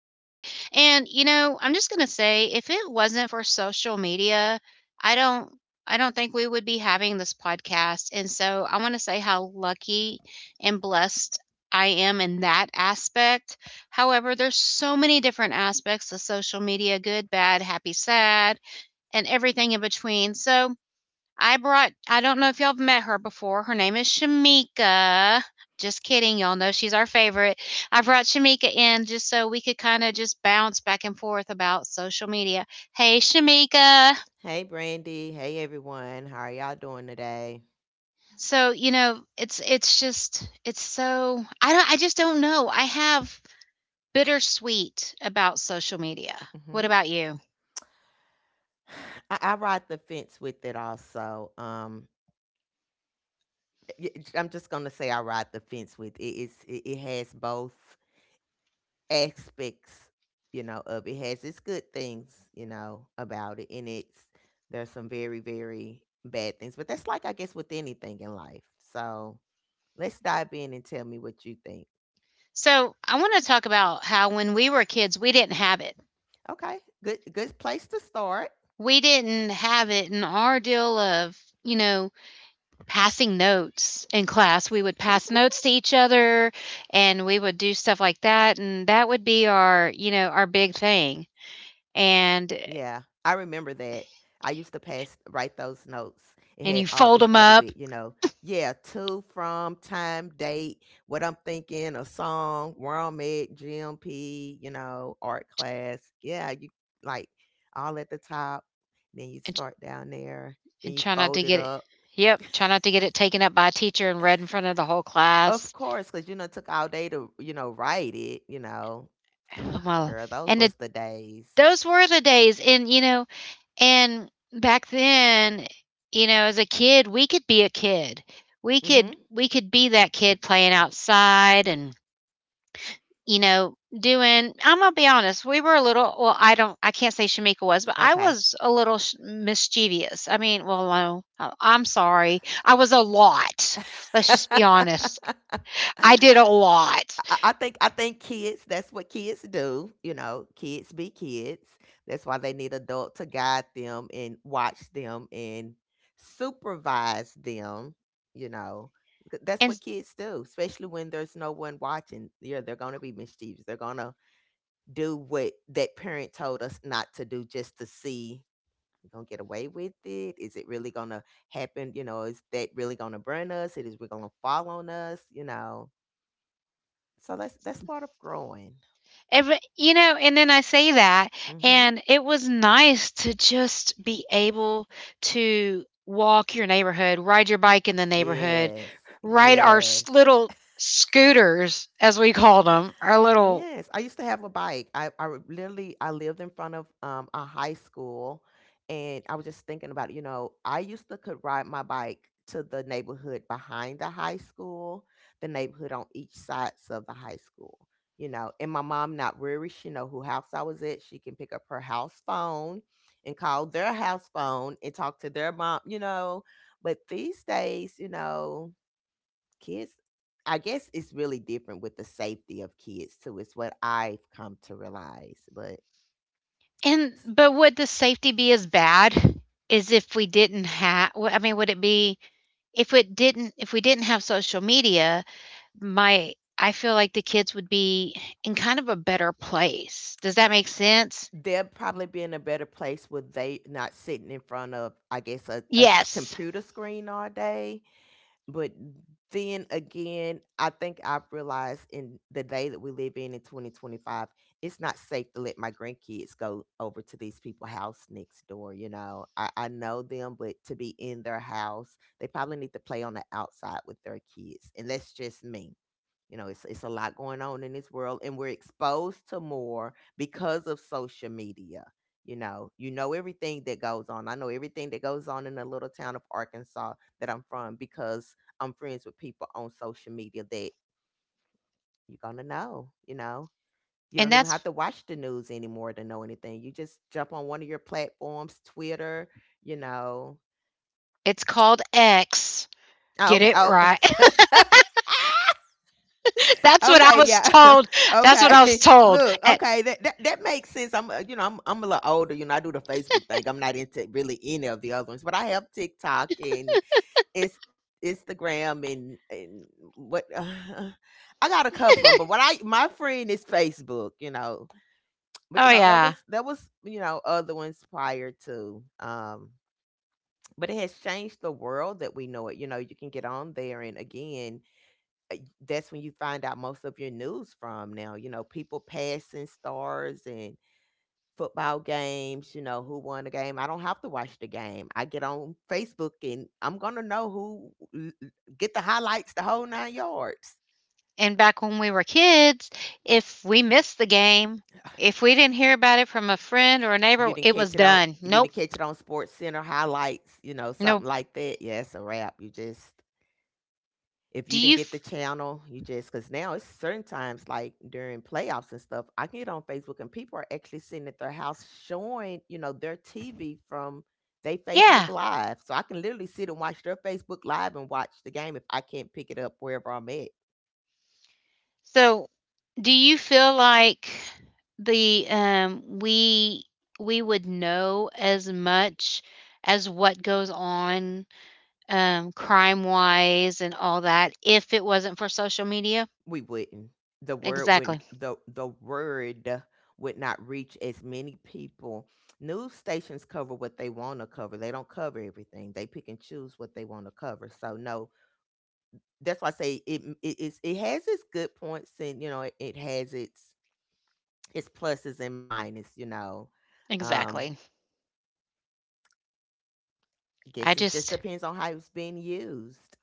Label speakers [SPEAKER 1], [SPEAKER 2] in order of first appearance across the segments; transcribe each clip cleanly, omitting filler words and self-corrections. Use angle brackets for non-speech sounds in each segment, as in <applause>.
[SPEAKER 1] And, you know, I'm just going to say if it wasn't for social media, I don't. I don't think we would be having this podcast. And so I want to say how lucky and blessed I am in that aspect. However, there's so many different aspects of social media, good, bad, happy, sad, and everything in between. So I brought, I don't know if y'all have met her before. Her name is Shamika. Just kidding. Y'all know she's our favorite. I brought Shamika in just so we could kind of just bounce back and forth about social media. Hey, Shamika.
[SPEAKER 2] Hey, Brandy. Hey, everyone. How are y'all doing today?
[SPEAKER 1] So, you know, it's just, it's so, I just don't know. I have bittersweet about social media. What
[SPEAKER 2] hmm
[SPEAKER 1] about you?
[SPEAKER 2] I ride the fence with it also. I'm just gonna say I ride the fence with it. It has both aspects, you know. Of it has its good things, you know, about it, and it's there's some very very bad things. But that's like, I guess, with anything in life. So let's dive in and tell me what you think.
[SPEAKER 1] So, I want to talk about how when we were kids, we didn't have it.
[SPEAKER 2] Okay, good place to start.
[SPEAKER 1] We didn't have it in our deal of, you know, passing notes in class. We would pass notes to each other, and we would do stuff like that, and that would be our, you know, our big thing.
[SPEAKER 2] Yeah,
[SPEAKER 1] And
[SPEAKER 2] I remember that. I used to pass write those notes. It had all
[SPEAKER 1] and
[SPEAKER 2] it
[SPEAKER 1] you
[SPEAKER 2] started
[SPEAKER 1] fold them
[SPEAKER 2] with, you
[SPEAKER 1] up
[SPEAKER 2] know, yeah, to, from, time, date, what I'm thinking, a song, where I'm at, GMP, you know, art class. Yeah, you like all at the top. Then you
[SPEAKER 1] and,
[SPEAKER 2] start down there. Then
[SPEAKER 1] and
[SPEAKER 2] you
[SPEAKER 1] try not
[SPEAKER 2] fold
[SPEAKER 1] to
[SPEAKER 2] it
[SPEAKER 1] get it
[SPEAKER 2] up.
[SPEAKER 1] yep, try not to get it taken up by a teacher and read in front of the whole
[SPEAKER 2] Of
[SPEAKER 1] class.
[SPEAKER 2] course, because, you know, it took all day to, you know, write it, you know.
[SPEAKER 1] Oh, my.
[SPEAKER 2] Girl, those
[SPEAKER 1] And it,
[SPEAKER 2] was the days.
[SPEAKER 1] those were the days. And, you know, and back then, you know, as a kid, we could be a kid.
[SPEAKER 2] Mm-hmm.
[SPEAKER 1] We could be that
[SPEAKER 2] Mm.
[SPEAKER 1] kid playing outside. And, you know, doing, I'm gonna be honest, we were a little, well, I don't, I can't say Shamika was, but I
[SPEAKER 2] Okay.
[SPEAKER 1] was a little sh mischievous. I mean, well, no, I'm sorry. I was a lot. Let's just be honest. I did a
[SPEAKER 2] <laughs>
[SPEAKER 1] lot.
[SPEAKER 2] I think I think kids. That's what kids do. You know, kids be kids. That's why they need adult to guide them and watch them and supervise them. You know, that's
[SPEAKER 1] And
[SPEAKER 2] what kids do, especially when there's no one watching. Yeah, they're gonna be mischievous. They're gonna do what that parent told us not to do, just to see. We gonna get away with it? Is it really gonna happen? You know, is that really gonna burn us? It is. We're gonna fall on us. You know, so that's part of growing.
[SPEAKER 1] every you know, and then I say that,
[SPEAKER 2] Mm-hmm.
[SPEAKER 1] and it was nice to just be able to walk your neighborhood, ride your bike in the neighborhood,
[SPEAKER 2] Yes.
[SPEAKER 1] ride our s
[SPEAKER 2] Yes.
[SPEAKER 1] little scooters, as we called them, our little.
[SPEAKER 2] Yes. I used to have a bike. I would literally I lived in front of a high school, and I was just thinking about, you know, I used to could ride my bike to the neighborhood behind the high school, the neighborhood on each sides of the high school. You know, and my mom not worried, she know who house I was at. She can pick up her house phone and call their house phone and talk to their mom, you know. But these days, you know, kids, I guess it's really different with the safety of kids too, it's what I've come to realize, but
[SPEAKER 1] And
[SPEAKER 2] s-
[SPEAKER 1] But would the safety be as bad as if we didn't have I mean, would it be, if we didn't have social media? My I feel like the kids would be in kind of a better place. Does that make sense?
[SPEAKER 2] they'll probably be in a better place with they not sitting in front of, I guess,
[SPEAKER 1] Yes.
[SPEAKER 2] computer screen all day. But then again, I think I've realized in the day that we live in 2025, it's not safe to let my grandkids go over to these people's house next door. You know, I know them, but to be in their house, they probably need to play on the outside with their kids. And that's just me. You know, it's a lot going on in this world, and we're exposed to more because of social media. You know everything that goes on. I know everything that goes on in the little town of Arkansas that I'm from, because I'm friends with people on social media that you're gonna know. You
[SPEAKER 1] And
[SPEAKER 2] don't even have
[SPEAKER 1] that's
[SPEAKER 2] to watch the news anymore to know anything. You just jump on one of your platforms, Twitter, you know.
[SPEAKER 1] It's called X.
[SPEAKER 2] Oh,
[SPEAKER 1] Get
[SPEAKER 2] okay.
[SPEAKER 1] it
[SPEAKER 2] Oh.
[SPEAKER 1] right.
[SPEAKER 2] <laughs>
[SPEAKER 1] <laughs> That's what I
[SPEAKER 2] Okay,
[SPEAKER 1] was
[SPEAKER 2] yeah.
[SPEAKER 1] told.
[SPEAKER 2] <laughs>
[SPEAKER 1] That's what I was
[SPEAKER 2] Okay. <laughs>
[SPEAKER 1] told.
[SPEAKER 2] Look,
[SPEAKER 1] At
[SPEAKER 2] okay, that makes sense. I'm, you know, I'm a little older, you know. I do the Facebook thing. I'm not into really any of the other ones, but I have TikTok and Inst Instagram, and what <sighs> I got a couple of them, but what I my friend is Facebook, you know. But
[SPEAKER 1] Oh
[SPEAKER 2] you know,
[SPEAKER 1] yeah.
[SPEAKER 2] you know, other ones prior to, but it has changed the world that we know it. You know, you can get on there and again, uh, that's when you find out most of your news from now. You know, people passing stars, and football games, you know, who won the game. I don't have to watch the game. I get on Facebook and I'm going to know who get the highlights, the whole nine yards.
[SPEAKER 1] And back when we were kids, if we missed the game, if we didn't hear about it from a friend or a neighbor, it was done.
[SPEAKER 2] You
[SPEAKER 1] Nope,
[SPEAKER 2] didn't catch it on Sports Center highlights, you know,
[SPEAKER 1] nope.
[SPEAKER 2] something like that. Yeah, it's a wrap. You just if
[SPEAKER 1] Do
[SPEAKER 2] you
[SPEAKER 1] you?
[SPEAKER 2] didn't get the channel, you just, because now it's certain times like during playoffs and stuff, I can get on Facebook and people are actually sitting at their house showing, you know, their TV from they Facebook
[SPEAKER 1] Yeah.
[SPEAKER 2] Live. So I can literally sit and watch their Facebook Live and watch the game if I can't pick it up wherever I'm at.
[SPEAKER 1] So, do you feel like the we would know as much as what goes on, crime wise and all that, if it wasn't for social media?
[SPEAKER 2] We wouldn't.
[SPEAKER 1] Exactly.
[SPEAKER 2] The word would not reach as many people. News stations cover what they want to cover. They don't cover everything. They pick and choose what they want to cover. So no, that's why I say it has its good points, and you know, it has its pluses and minus, you know. Um
[SPEAKER 1] Exactly.
[SPEAKER 2] I guess
[SPEAKER 1] I
[SPEAKER 2] it just
[SPEAKER 1] just
[SPEAKER 2] depends on how it's being used.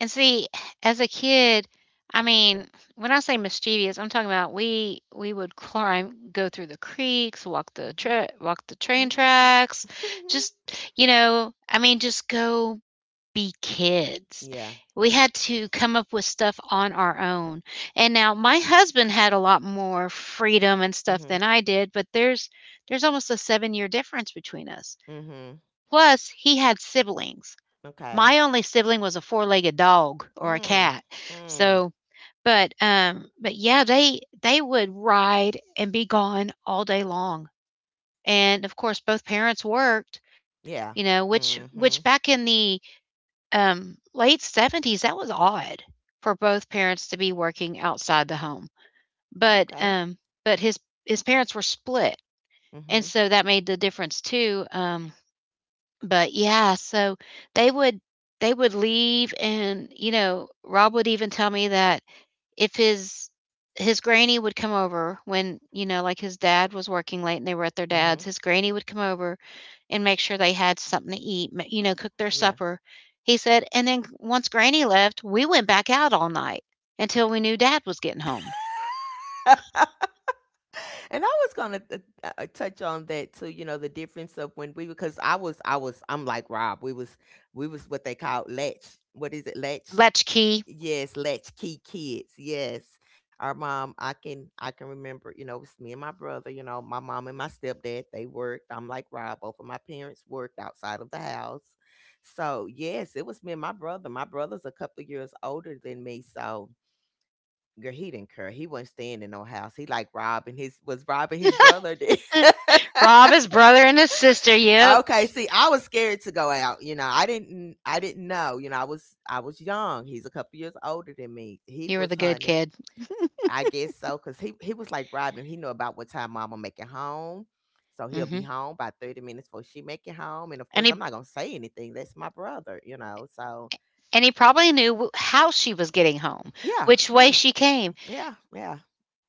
[SPEAKER 1] And see, as a kid, I mean, when I say mischievous, I'm talking about we would climb, go through the creeks, walk the
[SPEAKER 2] Mhm.
[SPEAKER 1] walk the train
[SPEAKER 2] Mhm.
[SPEAKER 1] tracks,
[SPEAKER 2] <laughs>
[SPEAKER 1] just, you know, I mean, just go be kids.
[SPEAKER 2] Yeah.
[SPEAKER 1] We had to come up with stuff on our own. And now my husband had a lot more freedom and stuff than
[SPEAKER 2] Mhm.
[SPEAKER 1] I did, but there's almost a 7-year difference between us.
[SPEAKER 2] Mhm.
[SPEAKER 1] Plus, he had siblings.
[SPEAKER 2] Okay.
[SPEAKER 1] My only sibling was a four-legged dog or a
[SPEAKER 2] Mm.
[SPEAKER 1] cat.
[SPEAKER 2] Mm.
[SPEAKER 1] So, but yeah, they would ride and be gone all day long. And, of course, both parents worked, you
[SPEAKER 2] Yeah.
[SPEAKER 1] know, which back
[SPEAKER 2] Mhm.
[SPEAKER 1] in the, late '70s, that was odd for both parents to be working outside the home. But,
[SPEAKER 2] Okay.
[SPEAKER 1] um but his parents were split,
[SPEAKER 2] Mhm.
[SPEAKER 1] and so that made the difference too. But yeah, so they would they would leave. And, you know, Rob would even tell me that if his granny would come over when, you know, like his dad was working late and they were at their dad's,
[SPEAKER 2] Mhm.
[SPEAKER 1] his granny would come over and make sure they had something to eat, ma you know, cook their
[SPEAKER 2] Yeah.
[SPEAKER 1] supper. He said, and then once granny left, we went back out all night until we knew dad was getting home.
[SPEAKER 2] <laughs> And I was gonna touch on that too. You know, the difference of when we because I'm like Rob. We was what they call latch. What is it? Latch.
[SPEAKER 1] Latchkey.
[SPEAKER 2] Yes, latch key kids. Yes, our mom. I can remember. You know, it was me and my brother. You know, my mom and my stepdad, they worked. I'm like Rob. Both of my parents worked outside of the house. So yes, it was me and my brother. My brother's a couple of years older than me. So, girl, he didn't care. He wasn't staying in no house. He like robbing his was robbing his brother. Then. <laughs>
[SPEAKER 1] Rob, his brother, and his sister, yep.
[SPEAKER 2] Okay, see, I was scared to go out. You know, I didn't know. You know, I was young. He's a couple years older than me. He
[SPEAKER 1] You were
[SPEAKER 2] was
[SPEAKER 1] the good
[SPEAKER 2] honey.
[SPEAKER 1] kid.
[SPEAKER 2] I guess so, cause he was like robbing him. He knew about what time mama make it home. So he'll be
[SPEAKER 1] Mhm.
[SPEAKER 2] home by 30 minutes before she make it home. And of
[SPEAKER 1] And
[SPEAKER 2] course I'm
[SPEAKER 1] he
[SPEAKER 2] not gonna say anything. That's my brother, you know. So
[SPEAKER 1] And he probably knew w how she was getting home,
[SPEAKER 2] yeah,
[SPEAKER 1] which way
[SPEAKER 2] yeah,
[SPEAKER 1] she came.
[SPEAKER 2] yeah, yeah.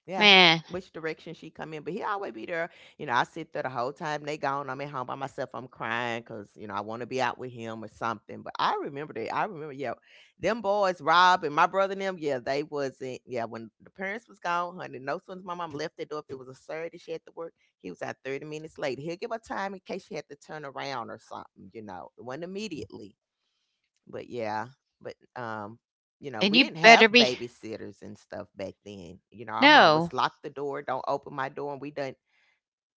[SPEAKER 2] Yeah.
[SPEAKER 1] Man,
[SPEAKER 2] Which direction she come in, but he always be there. You know, I sit there the whole time they gone. I'm at home by myself. I'm crying because you know I want to be out with him or something. But I remember that. I remember, yeah, them boys, Rob and my brother and them. Yeah, they wasn't. Yeah, when the parents was gone, honey, no sooner my mom left the door. If it was a Saturday, she had to work. He was out 30 minutes late. He'll give her time in case she had to turn around or something. You know, it wasn't immediately, but yeah, but you know,
[SPEAKER 1] and
[SPEAKER 2] we
[SPEAKER 1] you
[SPEAKER 2] didn't
[SPEAKER 1] better
[SPEAKER 2] have
[SPEAKER 1] be
[SPEAKER 2] babysitters and stuff back then. You know, our mom
[SPEAKER 1] no,
[SPEAKER 2] was lock the door, don't open my door, and we didn't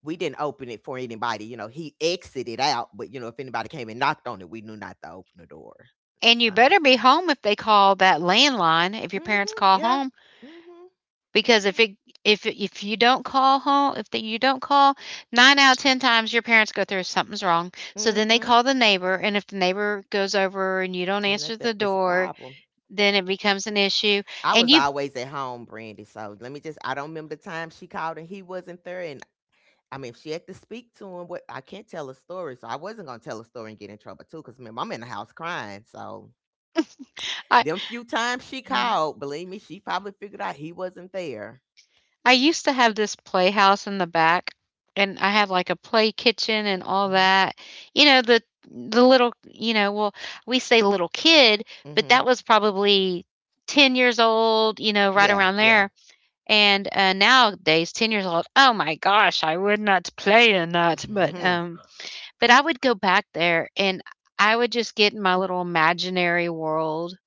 [SPEAKER 2] we didn't open it for anybody. You know, he exited out, but you know, if anybody came and knocked on it, we knew not to open the door.
[SPEAKER 1] and you
[SPEAKER 2] So,
[SPEAKER 1] better be home if they call that landline, if your
[SPEAKER 2] mm
[SPEAKER 1] parents
[SPEAKER 2] hmm.
[SPEAKER 1] call
[SPEAKER 2] Yeah.
[SPEAKER 1] home.
[SPEAKER 2] Hmm.
[SPEAKER 1] Because if you don't call home, if that you don't call, 9 out of 10 times your parents go through, "Something's wrong." So
[SPEAKER 2] Hmm.
[SPEAKER 1] then they
[SPEAKER 2] Hmm.
[SPEAKER 1] call the neighbor, and if the neighbor goes over and you don't
[SPEAKER 2] You know,
[SPEAKER 1] answer
[SPEAKER 2] there,
[SPEAKER 1] the
[SPEAKER 2] it's a
[SPEAKER 1] door,
[SPEAKER 2] problem.
[SPEAKER 1] then it becomes an issue.
[SPEAKER 2] I
[SPEAKER 1] And
[SPEAKER 2] was
[SPEAKER 1] you
[SPEAKER 2] always at home, Brandy. So let me just—I don't remember the time she called and he wasn't there, and I mean, if she had to speak to him, what I can't tell a story, so I wasn't gonna tell a story and get in trouble too, because I'm in the house crying. So
[SPEAKER 1] I
[SPEAKER 2] them few times she called, believe me, she probably figured out he wasn't there.
[SPEAKER 1] I used to have this playhouse in the back, and I had like a play kitchen and all
[SPEAKER 2] Hmm.
[SPEAKER 1] that. You know, the little, you know, well, we say little kid, but
[SPEAKER 2] Hmm.
[SPEAKER 1] that was probably 10 years old, you know, right
[SPEAKER 2] Yeah.
[SPEAKER 1] around
[SPEAKER 2] Yeah.
[SPEAKER 1] there. And, nowadays, 10 years old, oh my gosh, I would not play in that.
[SPEAKER 2] Hmm.
[SPEAKER 1] But I would go back there and I would just get in my little imaginary world,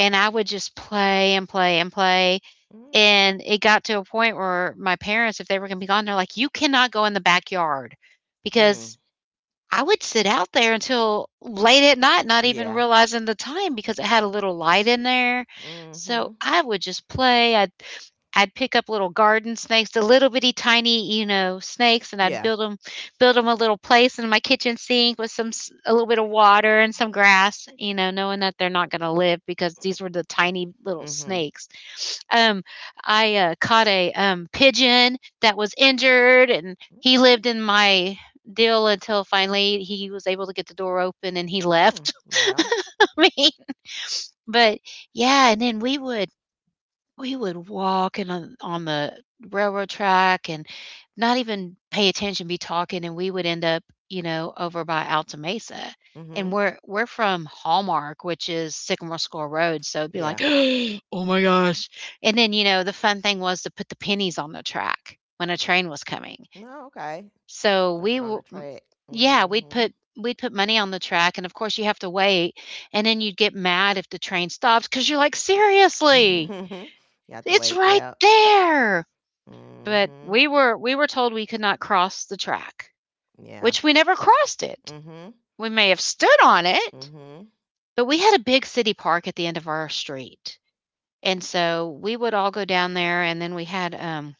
[SPEAKER 1] and I would just play and play and play.
[SPEAKER 2] Hmm.
[SPEAKER 1] And it got to a point where my parents, if they were gonna be gone, they're like, "You cannot go in the backyard,"
[SPEAKER 2] Mm.
[SPEAKER 1] because I would sit out there until late at night, not even
[SPEAKER 2] Yeah.
[SPEAKER 1] realizing the time because it had a little light in there. So
[SPEAKER 2] Hmm.
[SPEAKER 1] I would just play. I'd pick up little garden snakes, the little bitty tiny, you know, snakes, and I'd
[SPEAKER 2] Yeah.
[SPEAKER 1] build them a little place in my kitchen sink with some s a little bit of water and some grass, you know, knowing that they're not gonna live because these were the tiny little
[SPEAKER 2] Hmm.
[SPEAKER 1] snakes. Um, I caught a pigeon that was injured, and he
[SPEAKER 2] Okay.
[SPEAKER 1] lived in my deal until finally he was able to get the door open and he
[SPEAKER 2] Mm.
[SPEAKER 1] left.
[SPEAKER 2] Well.
[SPEAKER 1] <laughs> I mean, but yeah, and then we would walk and on the railroad track and not even pay attention, be talking, and we would end up, you know, over by Alta Mesa. And
[SPEAKER 2] Hmm.
[SPEAKER 1] we're from Hallmark, which is Sycamore Score Road, so it'd be
[SPEAKER 2] Yeah.
[SPEAKER 1] like, <gasps> "Oh my gosh." And then, you know, the fun thing was to put the pennies on the track when a train was coming.
[SPEAKER 2] No. Okay.
[SPEAKER 1] So
[SPEAKER 2] Drop
[SPEAKER 1] we
[SPEAKER 2] it on the
[SPEAKER 1] w m
[SPEAKER 2] track.
[SPEAKER 1] Yeah,
[SPEAKER 2] Hmm.
[SPEAKER 1] we'd put money on the track, and of course, you have to wait, and then you'd get mad if the train stops, because 'cause you're like,
[SPEAKER 2] <laughs>
[SPEAKER 1] "Seriously?"
[SPEAKER 2] Hmm. You have to
[SPEAKER 1] It's
[SPEAKER 2] wait.
[SPEAKER 1] right
[SPEAKER 2] Yep.
[SPEAKER 1] there. But
[SPEAKER 2] Hmm.
[SPEAKER 1] we were told we could not cross the track,
[SPEAKER 2] Yeah.
[SPEAKER 1] which we never crossed it.
[SPEAKER 2] Hmm.
[SPEAKER 1] We may have stood on it,
[SPEAKER 2] Mhm.
[SPEAKER 1] but we had a big city park at the end of our street. And so we would all go down there, and then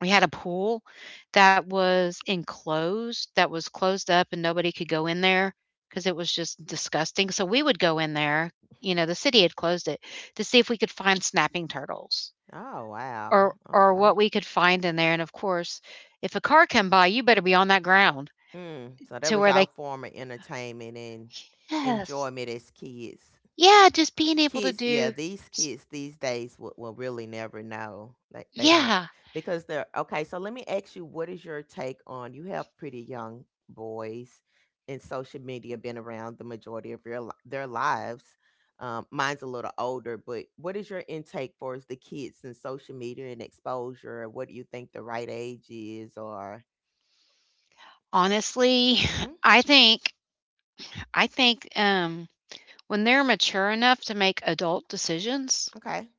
[SPEAKER 1] we had a pool that was enclosed, that was closed up, and nobody could go in there because it was just disgusting. So we would go in there, you know, the city had closed it, to see if we could find snapping turtles.
[SPEAKER 2] Oh, wow.
[SPEAKER 1] Or what
[SPEAKER 2] Okay.
[SPEAKER 1] we could find in there. And of course, if a car come by, you better be on that ground,
[SPEAKER 2] Mm. So that
[SPEAKER 1] to
[SPEAKER 2] was
[SPEAKER 1] where
[SPEAKER 2] y'all
[SPEAKER 1] they
[SPEAKER 2] form of entertainment and
[SPEAKER 1] yes.
[SPEAKER 2] enjoyment as kids.
[SPEAKER 1] Yeah, just being able to
[SPEAKER 2] Yeah,
[SPEAKER 1] do
[SPEAKER 2] these
[SPEAKER 1] s
[SPEAKER 2] kids these days will really never know, they don't,
[SPEAKER 1] yeah.
[SPEAKER 2] because they're okay. So let me ask you, what is your take on, you have pretty young boys and social media been around the majority of your their lives, mine's a little older, but what is your intake for is the kids and social media and exposure? What do you think the right age is, or
[SPEAKER 1] Honestly,
[SPEAKER 2] Hmm.
[SPEAKER 1] <laughs> I think I think, when they're mature enough to make adult decisions
[SPEAKER 2] Okay.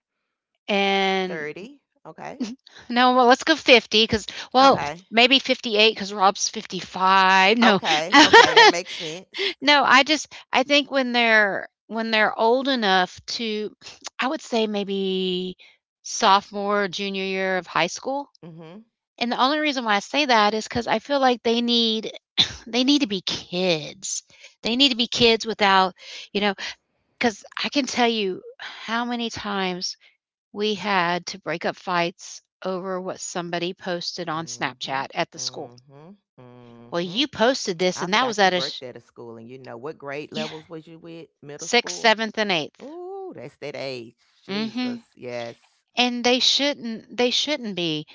[SPEAKER 1] and
[SPEAKER 2] 30. Okay.
[SPEAKER 1] no, well, let's go 50, because, well,
[SPEAKER 2] Okay.
[SPEAKER 1] maybe 58 because Rob's 55. No. <laughs>
[SPEAKER 2] Okay. Okay, that makes sense.
[SPEAKER 1] No, I think when they're old enough to <sniffs> I would say maybe sophomore, junior year of high school.
[SPEAKER 2] Mm-hmm.
[SPEAKER 1] And the only reason why I say that is because I feel like they need <clears throat> they need to be kids. They need to be kids without, you know because I can tell you how many times we had to break up fights over what somebody posted on
[SPEAKER 2] Mhm,
[SPEAKER 1] Snapchat at the school.
[SPEAKER 2] mhm,
[SPEAKER 1] "Well,
[SPEAKER 2] mhm.
[SPEAKER 1] you posted this,
[SPEAKER 2] I
[SPEAKER 1] and that was
[SPEAKER 2] forgot you
[SPEAKER 1] at a
[SPEAKER 2] worked
[SPEAKER 1] sh"
[SPEAKER 2] at a school, and you know, what grade
[SPEAKER 1] Yeah,
[SPEAKER 2] levels was you with? Middle
[SPEAKER 1] 6th,
[SPEAKER 2] school.
[SPEAKER 1] 7th, and 8th.
[SPEAKER 2] Ooh, that's that age. Jesus,
[SPEAKER 1] Mhm.
[SPEAKER 2] yes.
[SPEAKER 1] And they shouldn't be.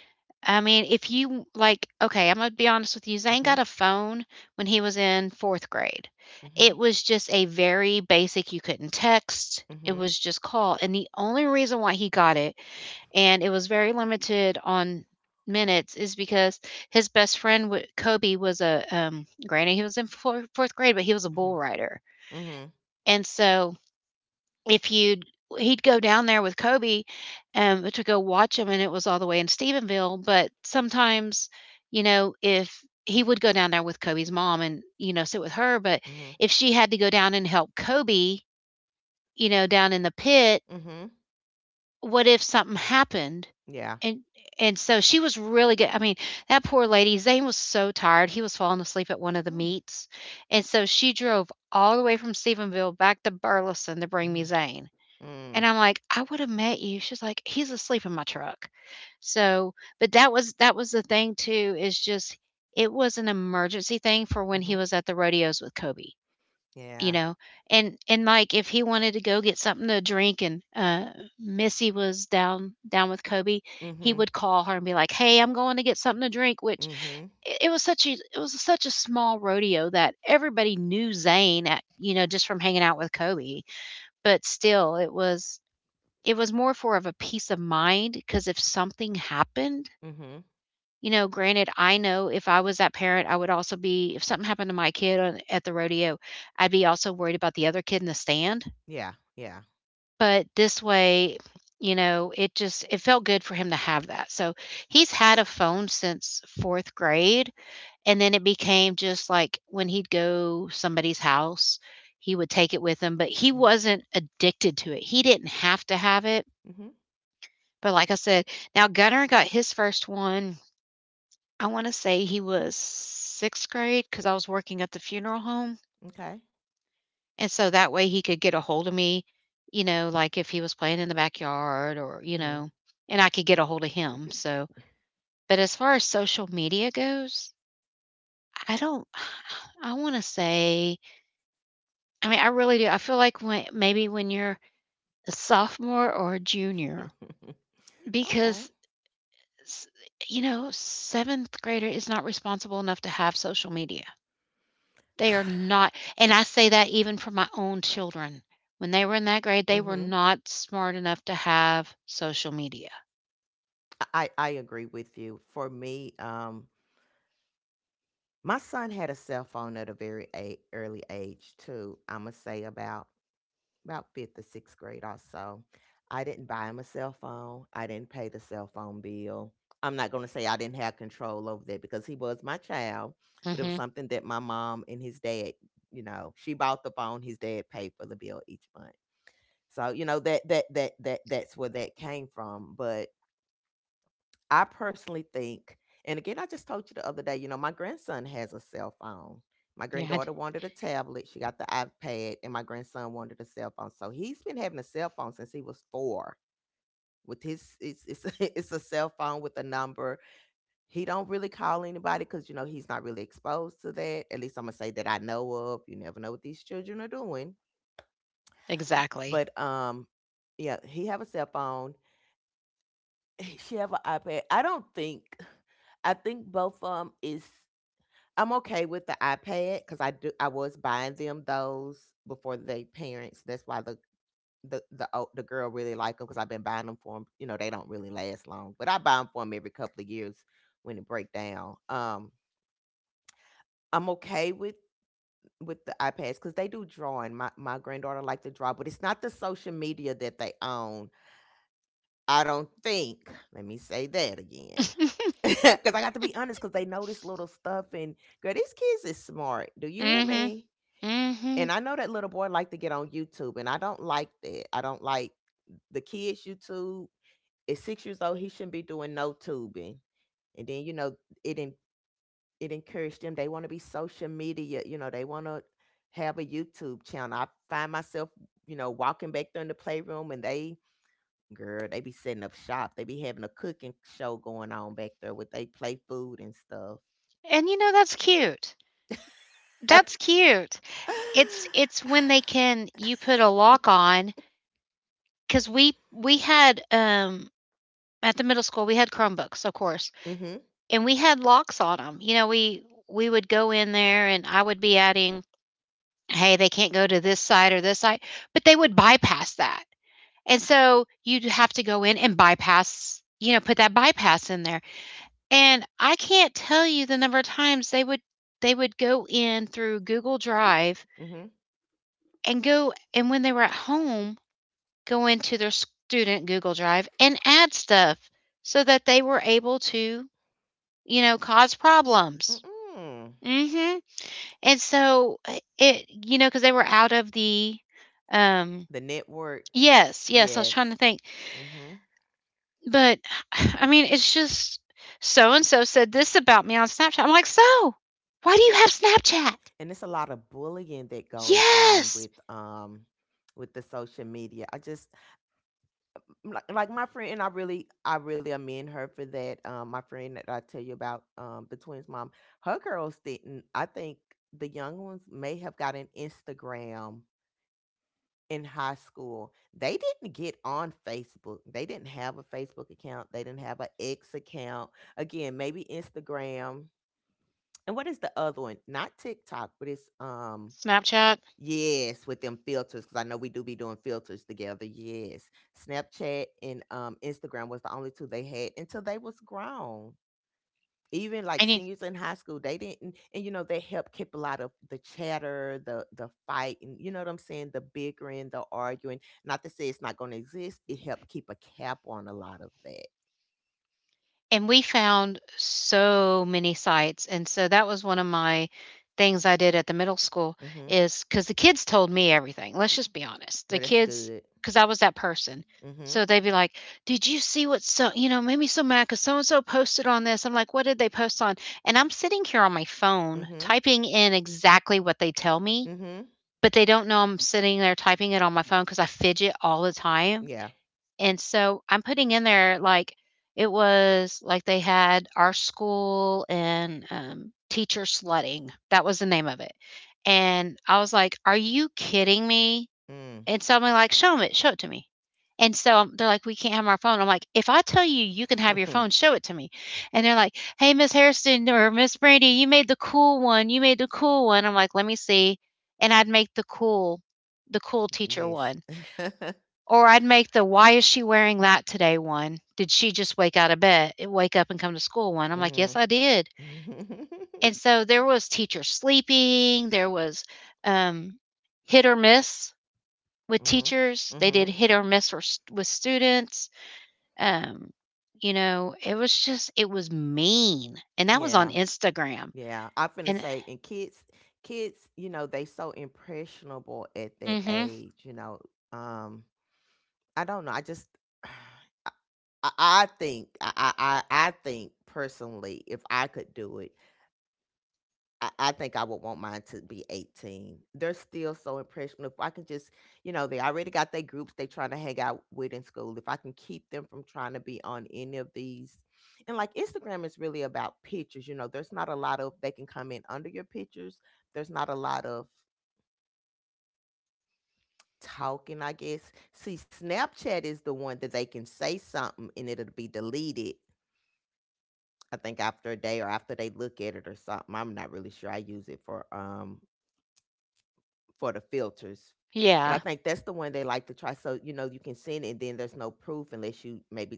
[SPEAKER 1] I mean, if you like okay, I'm gonna be honest with you, Zane
[SPEAKER 2] Mhm,
[SPEAKER 1] got a phone when he was in fourth grade.
[SPEAKER 2] mhm,
[SPEAKER 1] It was just a very basic, you couldn't text. It
[SPEAKER 2] mhm,
[SPEAKER 1] was just call. And the only reason why he got it, and it was very limited on minutes, is because his best friend Kobe was a, granted he was in fourth grade, but he was a
[SPEAKER 2] mhm,
[SPEAKER 1] bull rider.
[SPEAKER 2] mhm,
[SPEAKER 1] And so if you'd he'd go down there with Kobe, to go watch him, and it was all the way in Stephenville, but sometimes, you know, if he would go down there with Kobe's mom and, you know, sit with her, but
[SPEAKER 2] mhm,
[SPEAKER 1] if she had to go down and help Kobe, you know, down in the pit,
[SPEAKER 2] mhm.
[SPEAKER 1] what if something happened?
[SPEAKER 2] Yeah.
[SPEAKER 1] And and so she was really good. I mean, that poor lady, Zane was so tired, he was falling asleep at one of the
[SPEAKER 2] Hmm.
[SPEAKER 1] meets, and so she drove all the way from Stephenville back to Burleson to bring me
[SPEAKER 2] Mhm,
[SPEAKER 1] Zane. And
[SPEAKER 2] mm,
[SPEAKER 1] I'm like, "I would have met you." She's like, "He's asleep in my truck." So, but that was the thing too, is just it was an emergency thing for when he
[SPEAKER 2] mhm.
[SPEAKER 1] was at the rodeos with Kobe, you
[SPEAKER 2] Yeah.
[SPEAKER 1] know? And like if he wanted to go get something to drink and Missy was down with Kobe, he
[SPEAKER 2] Mhm,
[SPEAKER 1] would call her and be like, "Hey, I'm going to get something to drink," which
[SPEAKER 2] mhm,
[SPEAKER 1] it was such a small rodeo that everybody knew Zane at, you know, just from hanging out with Kobe. But still it was more for of a peace of mind because if something happened,
[SPEAKER 2] mhm.
[SPEAKER 1] you know, granted, I know if I was that parent, I would also be if something happened to my kid on at the rodeo, I'd be also worried about the other kid in the stand.
[SPEAKER 2] Yeah, yeah.
[SPEAKER 1] But this way, you know, it just it felt good for him to have that. So he's had a phone since 4th grade, and then it became just like when he'd go somebody's house, he would take it with him, but he
[SPEAKER 2] Mhm,
[SPEAKER 1] wasn't addicted to it. He didn't have to have it.
[SPEAKER 2] mhm.
[SPEAKER 1] But like I said, now Gunner got his first one, I wanna say he was 6th grade because I was working at the funeral home,
[SPEAKER 2] Okay.
[SPEAKER 1] and so that way he could get a hold of me, you know, like, if he was playing in the backyard or, you
[SPEAKER 2] Mhm.
[SPEAKER 1] know, and I could get a hold of him, so
[SPEAKER 2] <laughs>
[SPEAKER 1] but as far as social media goes, I don't <sighs> I wanna say I mean, I really do, I feel like when maybe when you're a sophomore or a junior
[SPEAKER 2] Okay.
[SPEAKER 1] because S you know, 7th grader is not responsible enough to have social media. They are not,
[SPEAKER 2] <sighs>
[SPEAKER 1] and I say that even for my own children. When they were in that grade, they were
[SPEAKER 2] Mhm.
[SPEAKER 1] not smart enough to have social media.
[SPEAKER 2] I agree with you. For me, my son had a cell phone at a very early age too. I'm gonna say about fifth or sixth grade or so. I didn't buy him a cell phone. I didn't pay the cell phone bill. I'm not gonna say I didn't have control over that because he was my child, but it was
[SPEAKER 1] Mhm.
[SPEAKER 2] something that my mom and his dad, you know, she bought the phone. His dad paid for the bill each month. So you know that's where that came from. But. I personally think, and again, I just told you the other day, you know, my grandson has a cell phone. My
[SPEAKER 1] Yeah,
[SPEAKER 2] granddaughter wanted a tablet. She got the iPad, and my grandson wanted a cell phone. So he's been having a cell phone since he was four. With his, it's <laughs> it's a cell phone with a number. He don't really call anybody because you know he's not really exposed to that. At least I'm gonna say that I know of. You never know what these children are doing.
[SPEAKER 1] exactly.
[SPEAKER 2] But yeah, he have a cell phone. <laughs> She have an iPad. I don't think I think both of them is I'm okay with the iPad because I do. I was buying them those before they parents. That's why the girl really like them because I've been buying them for them. You know, they don't really last long, but I buy them for them every couple of years when it break down. I'm okay with the iPads because they do drawing. My granddaughter like to draw, but it's not the social media that they own. I don't think. Let me say that again. <laughs> Because I got to be honest, because they know this little stuff, and girl, these kids is smart. Do you hear
[SPEAKER 1] Mhm.
[SPEAKER 2] me?
[SPEAKER 1] Mhm.
[SPEAKER 2] And I know that little boy like to get on YouTube, and I don't like that. I don't like the kids' YouTube. At 6 years old, he shouldn't be doing no tubing. And then you know it en- it encouraged them. They want to be social media. You know they want to have a YouTube channel. I find myself you know walking back there in the playroom, and they girl they be setting up shop. They be having a cooking show going on back there with they play food and stuff. <sighs>
[SPEAKER 1] And, you know, that's cute. That's cute. It's when they can you put a lock on because we had, at the middle school, we had Chromebooks, of course.
[SPEAKER 2] <laughs> Mhm.
[SPEAKER 1] And we had locks on them. You know, we would go in there and I would be adding, "Hey, they can't go to this side or this side," but they would bypass that. And so you'd have to go in and bypass, you know, put that bypass in there. And I can't tell you the number of times they would go in through Google Drive
[SPEAKER 2] Mhm.
[SPEAKER 1] and go and when they were at home, go into their student Google Drive and add stuff so that they were able to, you know, cause problems.
[SPEAKER 2] Mm-mm.
[SPEAKER 1] Mhm. And so, it you know, because they were out of the, um
[SPEAKER 2] The network.
[SPEAKER 1] Yes, yes, I was
[SPEAKER 2] Yes.
[SPEAKER 1] trying to think,
[SPEAKER 2] Hmm.
[SPEAKER 1] but, <sighs> I mean, it's just, "So and so said this about me on Snapchat." I'm like, "So? Why do you have Snapchat?"
[SPEAKER 2] And it's a lot of bullying that goes on
[SPEAKER 1] "Yes!"
[SPEAKER 2] with the social media. I just like, my friend and I really amend her for that. Um, my friend that I tell you about, the twins mom, her girls didn't I think the young ones may have gotten Instagram in high school. They didn't get on Facebook. They didn't have a Facebook account. They didn't have an X account. Again, maybe Instagram and what is the other one? Not TikTok, but it's um.
[SPEAKER 1] Snapchat,
[SPEAKER 2] Yes, with them filters because I know we do be doing filters together, yes. Snapchat and, Instagram was the only 2 they had until they was grown. Even,
[SPEAKER 1] I
[SPEAKER 2] like,
[SPEAKER 1] need.
[SPEAKER 2] seniors in high school, they didn't and, you know, they helped keep a lot of the chatter, the fighting, you know what I'm saying, the bickering, the arguing. Not to say it's not gonna exist, it helped keep a cap on a lot of that.
[SPEAKER 1] And we found so many sites, and so that was one of my things I did at the middle school
[SPEAKER 2] Mhm.
[SPEAKER 1] is because the kids told me everything, let's just be honest. The
[SPEAKER 2] Well, that's
[SPEAKER 1] kids,
[SPEAKER 2] good.
[SPEAKER 1] because I was that person.
[SPEAKER 2] Mhm,
[SPEAKER 1] So they'd be like, "Did you see what so" you know, "made me so mad because so and so posted on this." I'm like, "What did they post on?" And I'm sitting here on my phone
[SPEAKER 2] mhm,
[SPEAKER 1] typing in exactly what they tell me,
[SPEAKER 2] mhm.
[SPEAKER 1] but they don't know I'm sitting there typing it on my phone because I fidget all the time.
[SPEAKER 2] Yeah.
[SPEAKER 1] And so I'm putting in there, like, it was like they had our school and teacher slutting. That was the name of it. And I was like, are you kidding me?
[SPEAKER 2] Mm.
[SPEAKER 1] And somebody like, show 'em it, show it to me. And so they're like, we can't have our phone. I'm like, if I tell you you can have your phone,
[SPEAKER 2] <laughs>
[SPEAKER 1] show it to me. And they're like, hey, Miss Harrison or Miss Brandy, you made the cool one. You made the cool one. I'm like, let me see. And I'd make the cool teacher
[SPEAKER 2] Listen.
[SPEAKER 1] one. Or I'd make the "Why is she wearing that today?" one. "Did she just wake out of bed wake up and come to school?" one. I'm like, "Yes,
[SPEAKER 2] Mhm.
[SPEAKER 1] I did."
[SPEAKER 2] <laughs>
[SPEAKER 1] And
[SPEAKER 2] <laughs>
[SPEAKER 1] so there was teachers sleeping, there was, um, hit or miss with
[SPEAKER 2] Mhm.
[SPEAKER 1] teachers. They did
[SPEAKER 2] Mhm.
[SPEAKER 1] hit or miss or with students. Um, you know, it was just it was mean, and that was on
[SPEAKER 2] Yeah.
[SPEAKER 1] Instagram.
[SPEAKER 2] Yeah. I finna
[SPEAKER 1] And
[SPEAKER 2] say, and kids, kids, you know, they so impressionable at that
[SPEAKER 1] Mhm.
[SPEAKER 2] age. You know, um, I don't know. I just, <sighs> I, I I think, I, I, I think personally, if I could do it. I think I would want mine to be 18. They're still so impressionable. If I can just, you know, they already got their groups they trying to hang out with in school. If I can keep them from trying to be on any of these. And like Instagram is really about pictures, you know, there's not a lot of they can come in under your pictures. There's not a lot of talking, I guess. See, Snapchat is the one that they can say something and it'll be deleted. I think after a day or after they look at it or something. I'm not really sure. I use it for the filters. But I
[SPEAKER 1] Yeah.
[SPEAKER 2] think that's the one they like to try. So you know you can send it, and then there's no proof unless you maybe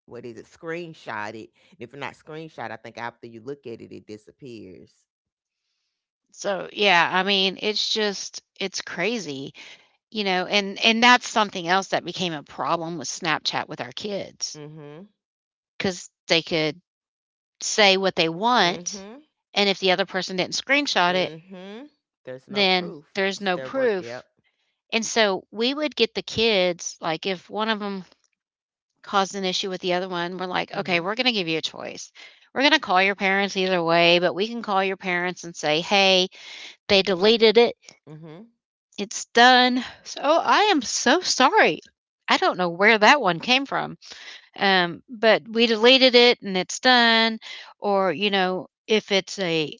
[SPEAKER 2] what is it screenshot it. And if you're not screenshot, I think after you look at it, it disappears.
[SPEAKER 1] So, yeah, I mean, it's just it's crazy. You know, and that's something else that became a problem with Snapchat with our kids
[SPEAKER 2] Mm-hmm.
[SPEAKER 1] because they could say what they want,
[SPEAKER 2] Mm-hmm.
[SPEAKER 1] and if the other person didn't screenshot it,
[SPEAKER 2] Mm-hmm. There's no
[SPEAKER 1] then
[SPEAKER 2] proof.
[SPEAKER 1] there's
[SPEAKER 2] It's
[SPEAKER 1] no
[SPEAKER 2] their work. Yep.
[SPEAKER 1] proof, and so we would get the kids like, if one of them caused an issue with the other one, we're like,
[SPEAKER 2] Mm-hmm.
[SPEAKER 1] "Okay, we're gonna give you a choice. We're gonna call your parents either way, but we can call your parents and say, hey, they deleted it.
[SPEAKER 2] Mm-hmm.
[SPEAKER 1] It's done. So oh, I am so sorry. I don't know where that one came from.'" Um, but we deleted it and it's done. Or you know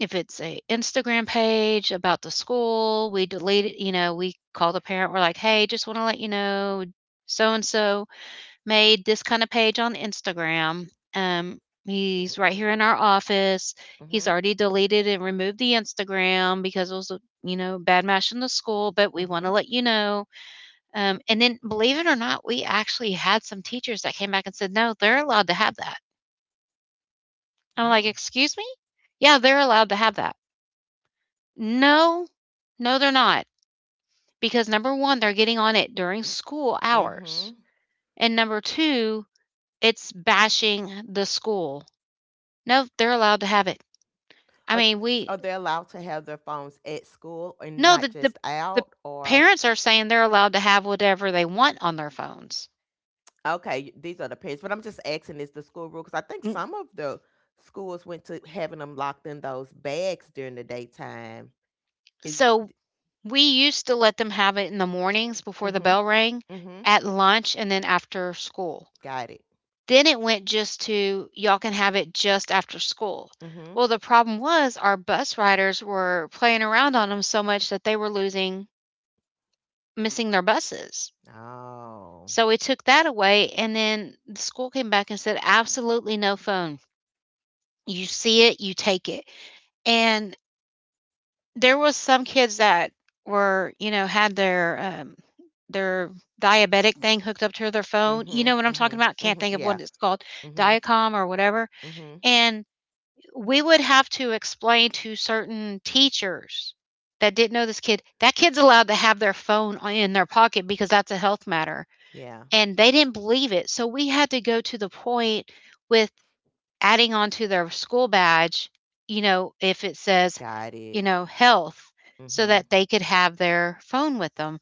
[SPEAKER 1] if it's a Instagram page about the school, we delete it, you know, we call the parent, we're like, hey, just want to let you know so and so made this kind of page on Instagram, um, he's right here in our office,
[SPEAKER 2] Mm-hmm.
[SPEAKER 1] he's already deleted and removed the Instagram because it was, you know, bad mashing the school, but we
[SPEAKER 2] Mm-hmm.
[SPEAKER 1] want to let you know. Um, and then believe it or not, we actually had some teachers that came back and said, "No, they're allowed to have that." I'm
[SPEAKER 2] Oh.
[SPEAKER 1] like, "Excuse me?" "Yeah, they're allowed to have that." "No. No, they're not." Because number 1, they're getting on it during school hours,
[SPEAKER 2] Mm-hmm.
[SPEAKER 1] and number 2, it's bashing the school. "No, they're allowed to have it." I
[SPEAKER 2] Are,
[SPEAKER 1] mean,
[SPEAKER 2] are
[SPEAKER 1] we
[SPEAKER 2] they allowed to have their phones at school and
[SPEAKER 1] No,
[SPEAKER 2] not just
[SPEAKER 1] the
[SPEAKER 2] out, or
[SPEAKER 1] parents are saying they're allowed to have whatever they want on their phones.
[SPEAKER 2] okay, these are the parents, but I'm just asking, is the school rule? Because I think
[SPEAKER 1] Mm,
[SPEAKER 2] some of the schools went to having them locked in those bags during the daytime. Is
[SPEAKER 1] so We used to let them have it in the mornings before the
[SPEAKER 2] mm-hmm,
[SPEAKER 1] bell rang,
[SPEAKER 2] mm-hmm,
[SPEAKER 1] at lunch, and then after school.
[SPEAKER 2] got it.
[SPEAKER 1] Then it went just to y'all can have it just after school.
[SPEAKER 2] Mm-hmm.
[SPEAKER 1] Well, the problem was our bus riders were playing around on them so much that they were losing, missing their buses.
[SPEAKER 2] Oh.
[SPEAKER 1] So we took that away, and then the school came back and said, absolutely no phone. You see it, you take it. And there was some kids that were, you know, had their diabetic thing hooked up to their phone. You know what
[SPEAKER 2] Mm-hmm,
[SPEAKER 1] I'm
[SPEAKER 2] mm-hmm,
[SPEAKER 1] talking about? Can't
[SPEAKER 2] mm-hmm.
[SPEAKER 1] think of
[SPEAKER 2] Yeah.
[SPEAKER 1] what it's called,
[SPEAKER 2] Mm-hmm,
[SPEAKER 1] Diacom or whatever.
[SPEAKER 2] mm-hmm.
[SPEAKER 1] And we would have to explain to certain teachers that didn't know this kid, that kid's allowed to have their phone in their pocket because that's a health matter.
[SPEAKER 2] Yeah,
[SPEAKER 1] And they didn't believe it. So we had to go to the point with adding on to their school badge, you know, if it says,
[SPEAKER 2] got
[SPEAKER 1] you
[SPEAKER 2] it.
[SPEAKER 1] know, health, so
[SPEAKER 2] Mm-hmm.
[SPEAKER 1] that they could have their phone with them.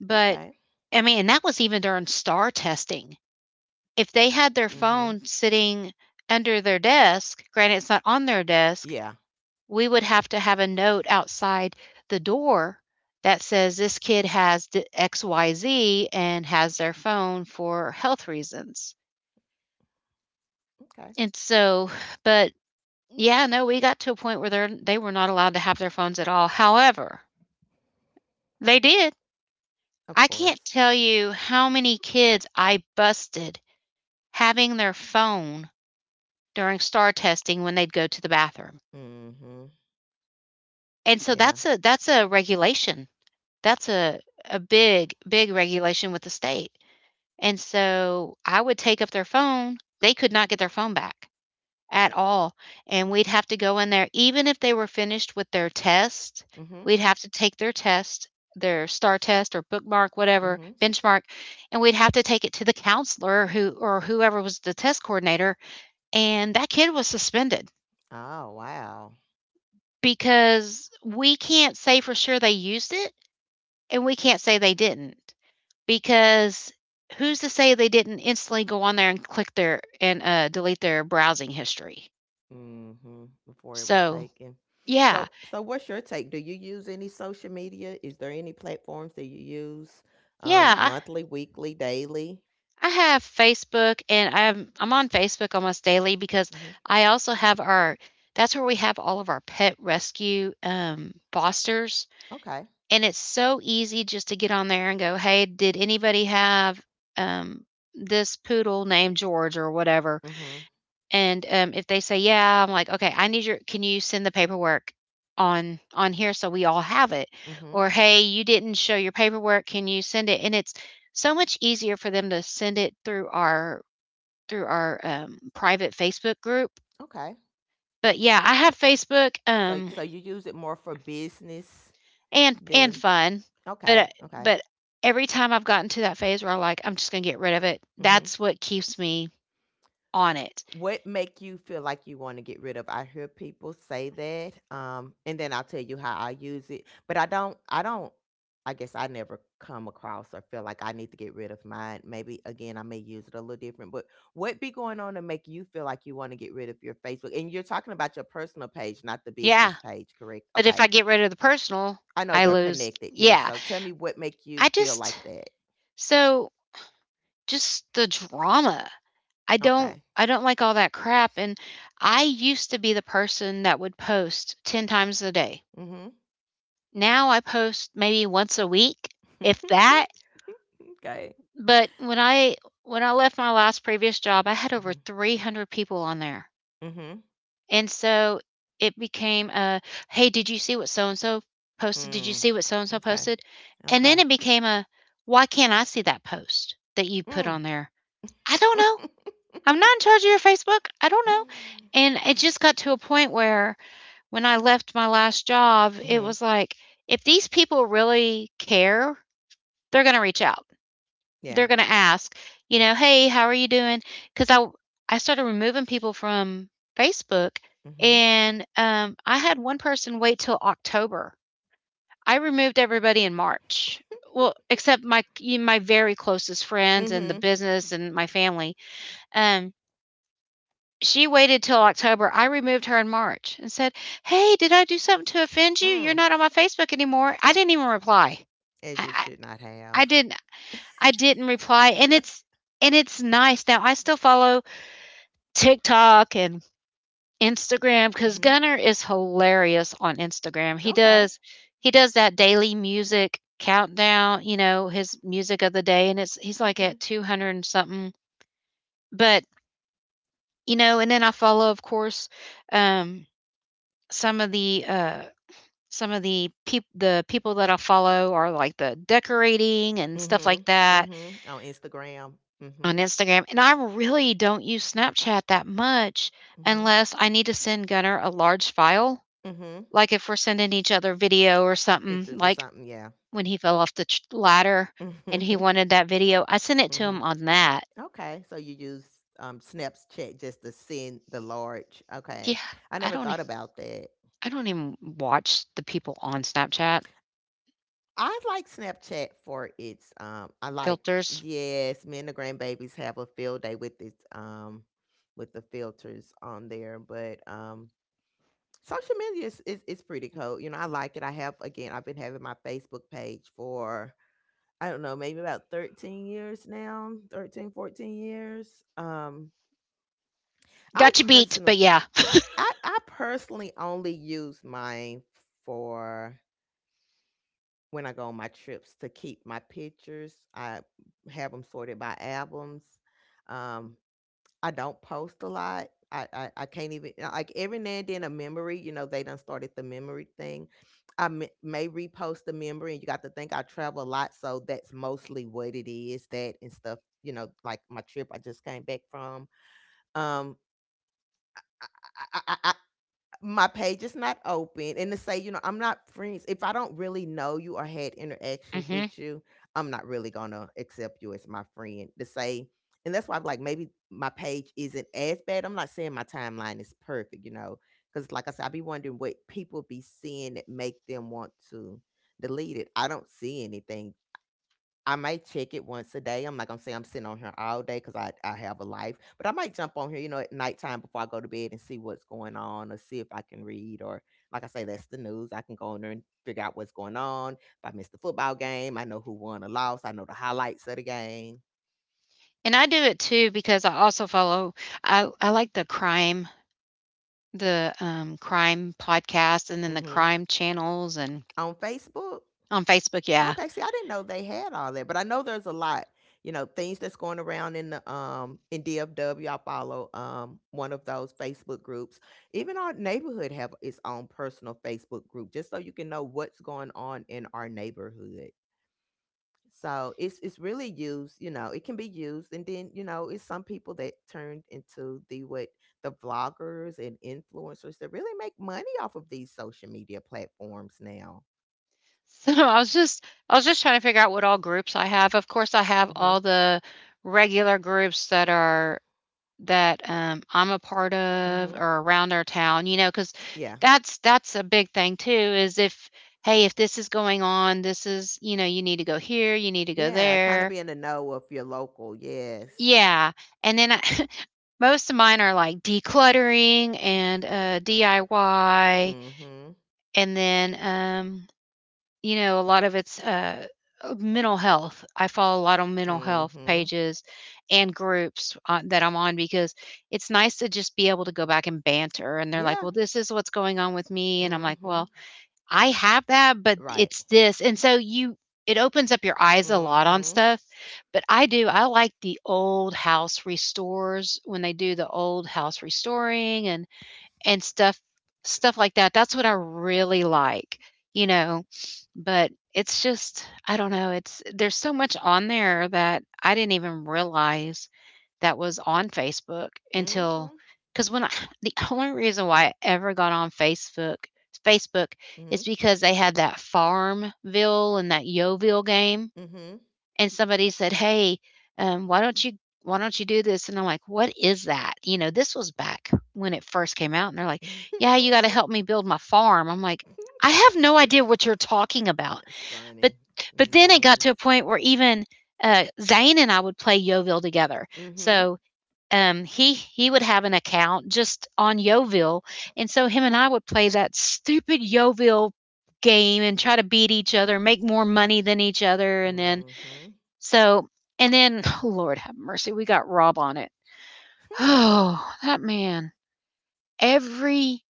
[SPEAKER 1] But, I mean, and that was even during STAR testing. If they had their
[SPEAKER 2] Mm-hmm.
[SPEAKER 1] phone sitting under their desk, granted it's not on their desk,
[SPEAKER 2] Yeah.
[SPEAKER 1] we would have to have a note outside the door that says this kid has the XYZ and has their phone for health reasons.
[SPEAKER 2] Okay.
[SPEAKER 1] And so, but yeah, no, we got to a point where they were not allowed to have their phones at all. However, they did.
[SPEAKER 2] Of
[SPEAKER 1] I can't
[SPEAKER 2] course.
[SPEAKER 1] tell you how many kids I busted having their phone during star testing when they'd go to the bathroom.
[SPEAKER 2] Mm-hmm.
[SPEAKER 1] And so
[SPEAKER 2] Yeah.
[SPEAKER 1] that's a regulation. That's a big, big regulation with the state. And so I would take up their phone. They could not get their phone back. At all. And we'd have to go in there, even if they were finished with their test,
[SPEAKER 2] Mm-hmm.
[SPEAKER 1] we'd have to take their test, their STAR test or bookmark, whatever,
[SPEAKER 2] Mm-hmm.
[SPEAKER 1] benchmark, and we'd have to take it to the counselor who or whoever was the test coordinator. And that kid was suspended
[SPEAKER 2] Oh, wow.
[SPEAKER 1] because we can't say for sure they used it and we can't say they didn't because who's to say they didn't instantly go on there and click their and delete their browsing history?
[SPEAKER 2] Mhm. Before it was
[SPEAKER 1] So,
[SPEAKER 2] taken.
[SPEAKER 1] yeah,
[SPEAKER 2] So, so what's your take? Do you use any social media? Is there any platforms that you use
[SPEAKER 1] yeah,
[SPEAKER 2] monthly, weekly, daily?
[SPEAKER 1] I have Facebook and I'm on Facebook almost daily because
[SPEAKER 2] Hmm.
[SPEAKER 1] I also have our that's where we have all of our pet rescue fosters,
[SPEAKER 2] Okay.
[SPEAKER 1] and it's so easy just to get on there and go, "Hey, did anybody have um this poodle named George or whatever?"
[SPEAKER 2] Hmm.
[SPEAKER 1] And if they say, "Yeah," I'm like, "Okay, I need your can you send the paperwork on here so we all have it?"
[SPEAKER 2] Hmm.
[SPEAKER 1] Or, "Hey, you didn't show your paperwork, can you send it?" And it's so much easier for them to send it through our private Facebook group.
[SPEAKER 2] Okay.
[SPEAKER 1] But yeah, I have Facebook,
[SPEAKER 2] So, so you use it more for business
[SPEAKER 1] and
[SPEAKER 2] than
[SPEAKER 1] fun, but uh,
[SPEAKER 2] okay. Okay.
[SPEAKER 1] but every time I've gotten to that phase where I'm like, I'm just gonna get rid of it.
[SPEAKER 2] Mm-hmm.
[SPEAKER 1] That's what keeps me on it.
[SPEAKER 2] What make you feel like you want to get rid of? I hear people say that, and then I'll tell you how I use it. But I guess I never come across or feel like I need to get rid of mine. Maybe again, I may use it a little different. But what be going on to make you feel like you want to get rid of your Facebook? And you're talking about your personal page, not the
[SPEAKER 1] Yeah,
[SPEAKER 2] business page, correct?
[SPEAKER 1] but if
[SPEAKER 2] Okay,
[SPEAKER 1] I get rid of the personal,
[SPEAKER 2] I know
[SPEAKER 1] I
[SPEAKER 2] they're
[SPEAKER 1] lose.
[SPEAKER 2] connected. Yes.
[SPEAKER 1] Yeah,
[SPEAKER 2] So tell me what make you
[SPEAKER 1] I
[SPEAKER 2] feel
[SPEAKER 1] just
[SPEAKER 2] like that.
[SPEAKER 1] so just the drama. I don't
[SPEAKER 2] Okay.
[SPEAKER 1] I don't like all that crap, and I used to be the person that would post 10 times a day.
[SPEAKER 2] Mm-hmm.
[SPEAKER 1] Now I post maybe once a week, if that.
[SPEAKER 2] <laughs> Okay.
[SPEAKER 1] But when I left my last previous job, I had over 300 people on there.
[SPEAKER 2] Mm-hmm.
[SPEAKER 1] And so it became a, "Hey, did you see what so and so posted? Did you
[SPEAKER 2] Mm,
[SPEAKER 1] see what so and so
[SPEAKER 2] okay,
[SPEAKER 1] posted?" And
[SPEAKER 2] okay.
[SPEAKER 1] then it became a, "Why can't I see that post that you put
[SPEAKER 2] Mm.
[SPEAKER 1] on there?" "I don't know.
[SPEAKER 2] <laughs>
[SPEAKER 1] I'm not in charge of your Facebook. I don't know." And it just got to a point where when I left my last job, it
[SPEAKER 2] Mhm.
[SPEAKER 1] was like, if these people really care, they're going to reach out.
[SPEAKER 2] Yeah.
[SPEAKER 1] They're going to ask, you know, "Hey, how are you doing? Because I started removing people from Facebook,
[SPEAKER 2] Mhm.
[SPEAKER 1] and, I had one person wait till October. I removed everybody in March. Well, except my very closest friends and the
[SPEAKER 2] Mhm.
[SPEAKER 1] business and my family. Um, she waited till October. I removed her in March and said, "Hey, did I do something to offend you?
[SPEAKER 2] Mm.
[SPEAKER 1] You're not on my Facebook anymore." I didn't even reply.
[SPEAKER 2] As you
[SPEAKER 1] I I
[SPEAKER 2] should not have.
[SPEAKER 1] I did I didn't reply, and it's nice now. I still follow TikTok and Instagram because
[SPEAKER 2] Mhm.
[SPEAKER 1] Gunner is hilarious on Instagram. He
[SPEAKER 2] Okay.
[SPEAKER 1] does he does that daily music countdown, you know, his music of the day, and it's he's like at
[SPEAKER 2] Okay.
[SPEAKER 1] 200 and something. But you know, and then I follow, of course, um, some of the uh, some of the peop the people that I follow are like the decorating and stuff like
[SPEAKER 2] Mhm.
[SPEAKER 1] that
[SPEAKER 2] Mhm. On Instagram.
[SPEAKER 1] on
[SPEAKER 2] Mhm.
[SPEAKER 1] Instagram, and I really don't use Snapchat that much
[SPEAKER 2] Mhm.
[SPEAKER 1] unless I need to send Gunner a large file.
[SPEAKER 2] Mhm.
[SPEAKER 1] Like if we're sending each other video or something,
[SPEAKER 2] Pictures or
[SPEAKER 1] like
[SPEAKER 2] something. Yeah.
[SPEAKER 1] when he fell off the ladder
[SPEAKER 2] <laughs> Mhm.
[SPEAKER 1] and he wanted that video, I sent it to him
[SPEAKER 2] Mhm.
[SPEAKER 1] on that.
[SPEAKER 2] Okay. So you use Snapchat just to send the large.
[SPEAKER 1] Yeah,
[SPEAKER 2] Okay. I
[SPEAKER 1] I
[SPEAKER 2] never
[SPEAKER 1] don't.
[SPEAKER 2] thought about that.
[SPEAKER 1] I don't even watch the people on Snapchat
[SPEAKER 2] I like Snapchat for its, I like
[SPEAKER 1] filters.
[SPEAKER 2] yes, me and the grandbabies have a field day with its with the filters on there, but social media is, is pretty cool. You know, I like it. I have again, I've been having my Facebook page for I don't know, maybe about 13 years now, 13, 14 years. I
[SPEAKER 1] Got you beat, but
[SPEAKER 2] personally
[SPEAKER 1] yeah.
[SPEAKER 2] I personally only use mine for when I go on my trips to keep my pictures. I have them sorted by albums. Um, I don't post a lot. I can't even like every now and then a memory, you know, they done started the memory thing. May repost the memory and you got to think I travel a lot, so that's mostly what it is, that and stuff, you know, like my trip I just came back from. Um, I, I, my page is not open and to say you know I'm not friends if I don't really know you or had interactions
[SPEAKER 1] Hmm.
[SPEAKER 2] with you. I'm not really gonna accept you as my friend to say. And that's why I'm like maybe my page isn't as bad. I'm not saying my timeline is perfect, you know, because like I said, I be wondering what people be seeing that make them want to delete it. I don't see anything. I might check it once a day. I'm not gonna say I'm sitting on here all day because I have a life, but I might jump on here, you know, at nighttime before I go to bed and see what's going on or see if I can read or like I say, that's the news. I can go on there and figure out what's going on. If I missed the football game, I know who won or lost. I know the highlights of the game.
[SPEAKER 1] And I do it too because I also follow. I like the crime podcast, and then the
[SPEAKER 2] Hmm.
[SPEAKER 1] crime channels and
[SPEAKER 2] On Facebook.
[SPEAKER 1] on Facebook, yeah.
[SPEAKER 2] Okay, see, I didn't know they had all that, but I know there's a lot, you know, things that's going around in the in DFW. I follow one of those Facebook groups. Even our neighborhood have its own personal Facebook group, just so you can know what's going on in our neighborhood. So it's really used, you know, it can be used, and then you know, it's some people that turned into the what the vloggers and influencers that really make money off of these social media platforms now.
[SPEAKER 1] So <laughs> I was just trying to figure out what all groups I have. Of course, I have
[SPEAKER 2] Mm-hmm.
[SPEAKER 1] all the regular groups that are that I'm a part of
[SPEAKER 2] Mm-hmm.
[SPEAKER 1] or around our town, you know, because
[SPEAKER 2] Yeah.
[SPEAKER 1] that's a big thing too, is if hey, if this is going on, this is, you know, you need to go here, you need to go
[SPEAKER 2] Yeah, kinda
[SPEAKER 1] there.
[SPEAKER 2] be in the know if you're local, yes.
[SPEAKER 1] Yeah. And then I, <laughs> most of mine are like decluttering and DIY,
[SPEAKER 2] Mhm,
[SPEAKER 1] and then you know, a lot of it's mental health. I follow a lot of mental health
[SPEAKER 2] mhm.
[SPEAKER 1] pages and groups on, that I'm on because it's nice to just be able to go back and banter. And they're like,
[SPEAKER 2] Yeah,
[SPEAKER 1] well, this is what's going on with me. And I'm like,
[SPEAKER 2] mhm.
[SPEAKER 1] well, I have that, but
[SPEAKER 2] Right.
[SPEAKER 1] it's this. And so you, it opens up your eyes a lot on
[SPEAKER 2] Mhm,
[SPEAKER 1] stuff. But I do, I like the old house restores when they do the old house restoring and stuff like that. That's what I really like, you know? But it's just I don't know, it's there's so much on there that I didn't even realize that was on Facebook until,
[SPEAKER 2] mhm,
[SPEAKER 1] because when I <laughs> the only reason why I ever got on Facebook
[SPEAKER 2] mhm,
[SPEAKER 1] is because they had that Farmville and that Yoville game,
[SPEAKER 2] mhm.
[SPEAKER 1] and somebody said, "Hey, um, why don't you why don't you do this?" And I'm like, "What is that?" You know, this was back when it first came out, and they're like, "Yeah, you got to
[SPEAKER 2] <laughs>
[SPEAKER 1] help me build my farm." I'm like, "I have no idea what you're talking about."
[SPEAKER 2] That's
[SPEAKER 1] But
[SPEAKER 2] funny. Them
[SPEAKER 1] but then it got
[SPEAKER 2] games.
[SPEAKER 1] to a point where even Zane and I would play Yoville together.
[SPEAKER 2] Mhm,
[SPEAKER 1] So he would have an account just on Yoville, and so him and I would play that stupid Yoville game and try to beat each other, make more money than each other, and then
[SPEAKER 2] mhm.
[SPEAKER 1] so and then, <sighs> Lord have mercy, we got Rob on it. <sighs>
[SPEAKER 2] Hmm,
[SPEAKER 1] Oh, that man. Every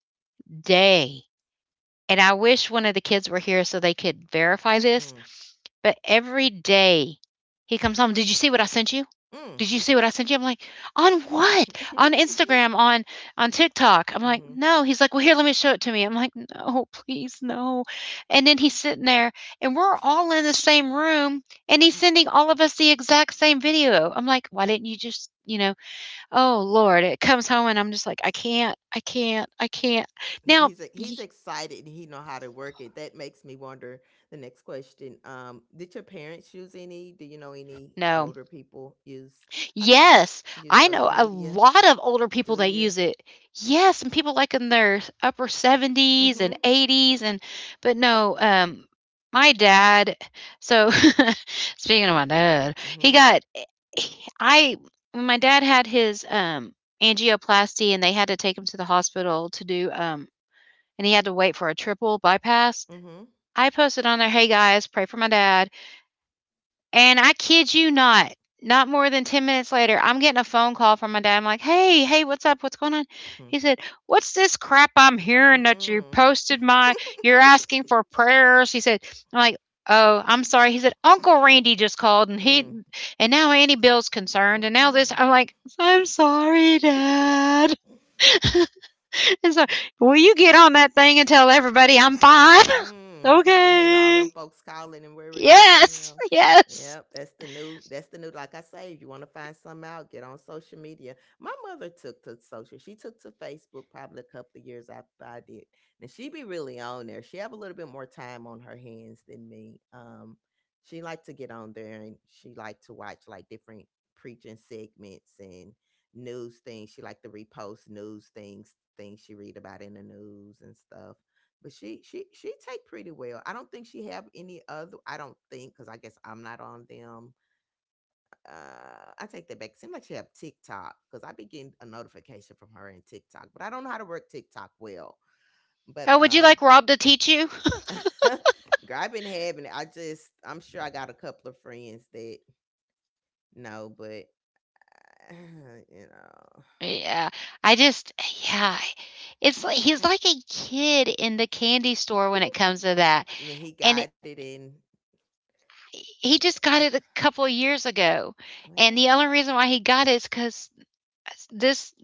[SPEAKER 1] day, and I wish one of the kids were here so they could verify this,
[SPEAKER 2] hmm,
[SPEAKER 1] but every day he comes home, "Did you see what I sent you?
[SPEAKER 2] mm.
[SPEAKER 1] Did you see what I sent you?" I'm like, "On what? On
[SPEAKER 2] <laughs>
[SPEAKER 1] Instagram, on TikTok." I'm like,
[SPEAKER 2] Mhm.
[SPEAKER 1] "No." He's like, "Well, here, let me show it to me." I'm like, "No, please, no." And then he's sitting there and we're all in the same room and he's sending all of us the exact same video. I'm like, "Why didn't you just, you know, oh Lord." It comes home and I'm just like, "I can't. I can't. I can't." Now, y-
[SPEAKER 2] He's excited he know how to work it. That makes me wonder the next question. Did your parents use any? Do you know any
[SPEAKER 1] no.
[SPEAKER 2] older people use I t-
[SPEAKER 1] Yes,
[SPEAKER 2] use
[SPEAKER 1] I know
[SPEAKER 2] social
[SPEAKER 1] a
[SPEAKER 2] media?
[SPEAKER 1] lot of older people
[SPEAKER 2] Do
[SPEAKER 1] that
[SPEAKER 2] you?
[SPEAKER 1] use it. Yes, and people like in their upper 70s and
[SPEAKER 2] Mm-hmm.
[SPEAKER 1] 80s and but no, my dad, so <laughs> speaking of my dad, he
[SPEAKER 2] Mm-hmm.
[SPEAKER 1] got he- I when my dad had his angioplasty and they had to take him to the hospital to do and he had to wait for a triple bypass.
[SPEAKER 2] Mm-hmm.
[SPEAKER 1] I posted on there, "Hey guys, pray for my dad." And I kid you not, not more than 10 minutes later, I'm getting a phone call from my dad. I'm like, "Hey, hey, what's up? What's going on?" He said, "What's this crap I'm
[SPEAKER 2] <laughs>
[SPEAKER 1] hearing that you
[SPEAKER 2] Mm-mm.
[SPEAKER 1] posted my you're
[SPEAKER 2] <laughs>
[SPEAKER 1] asking for prayers?" He said, I'm like, "Oh, I'm sorry." He said, "Uncle Randy just called and he
[SPEAKER 2] Mm.
[SPEAKER 1] and now Auntie Bill's concerned and now this."
[SPEAKER 2] Mm-mm.
[SPEAKER 1] I'm like, "I'm sorry, dad."
[SPEAKER 2] <laughs>
[SPEAKER 1] <laughs> and so, "Will you get on that thing and tell everybody I'm fine?" <laughs>
[SPEAKER 2] Mm, so you have all
[SPEAKER 1] Okay.
[SPEAKER 2] them folks calling and worried about
[SPEAKER 1] Yes.
[SPEAKER 2] him.
[SPEAKER 1] Yes.
[SPEAKER 2] Yep, that's the new. That's the new. Like I say, if you want to find something out, get on social media. My mother took to social. She took to Facebook probably a couple of years after I did, and she be really on there. She have a little bit more time on her hands than me. She liked to get on there and she liked to watch like different preaching segments and news things. She liked to repost news things, things she read about in the news and stuff but she take pretty well. I don't think she have any other. I don't think because I guess I'm not on them. I take that back. Seems like she have TikTok because I be getting a notification from her in TikTok, but I don't know how to work TikTok well. But
[SPEAKER 1] Oh, would you like Rob to teach you?
[SPEAKER 2] <laughs> girl, I've been having it. I just I'm sure I got a couple of friends that know, but <sighs> uh, you
[SPEAKER 1] Yeah. I just yeah. It's like he's like a kid in the candy store
[SPEAKER 2] know,
[SPEAKER 1] when it comes to that.
[SPEAKER 2] <laughs> he
[SPEAKER 1] And
[SPEAKER 2] got
[SPEAKER 1] it,
[SPEAKER 2] it in.
[SPEAKER 1] he
[SPEAKER 2] Yeah.
[SPEAKER 1] just got it a couple of years ago. And
[SPEAKER 2] Well,
[SPEAKER 1] the only reason why he got it is cuz this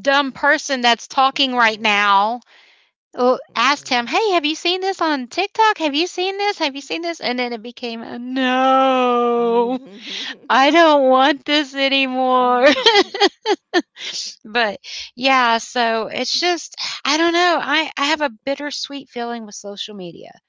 [SPEAKER 1] dumb person that's
[SPEAKER 2] <laughs>
[SPEAKER 1] talking right
[SPEAKER 2] mm-mm,
[SPEAKER 1] now asked him, "Hey, have you seen this on TikTok? Have you seen this? Have you seen this?" And then it became, a, "No.
[SPEAKER 2] mm-mm.
[SPEAKER 1] I
[SPEAKER 2] <laughs>
[SPEAKER 1] don't want this anymore."
[SPEAKER 2] Mhm. <laughs>
[SPEAKER 1] But, yeah, so it's just I don't know, I have a bittersweet feeling with social media,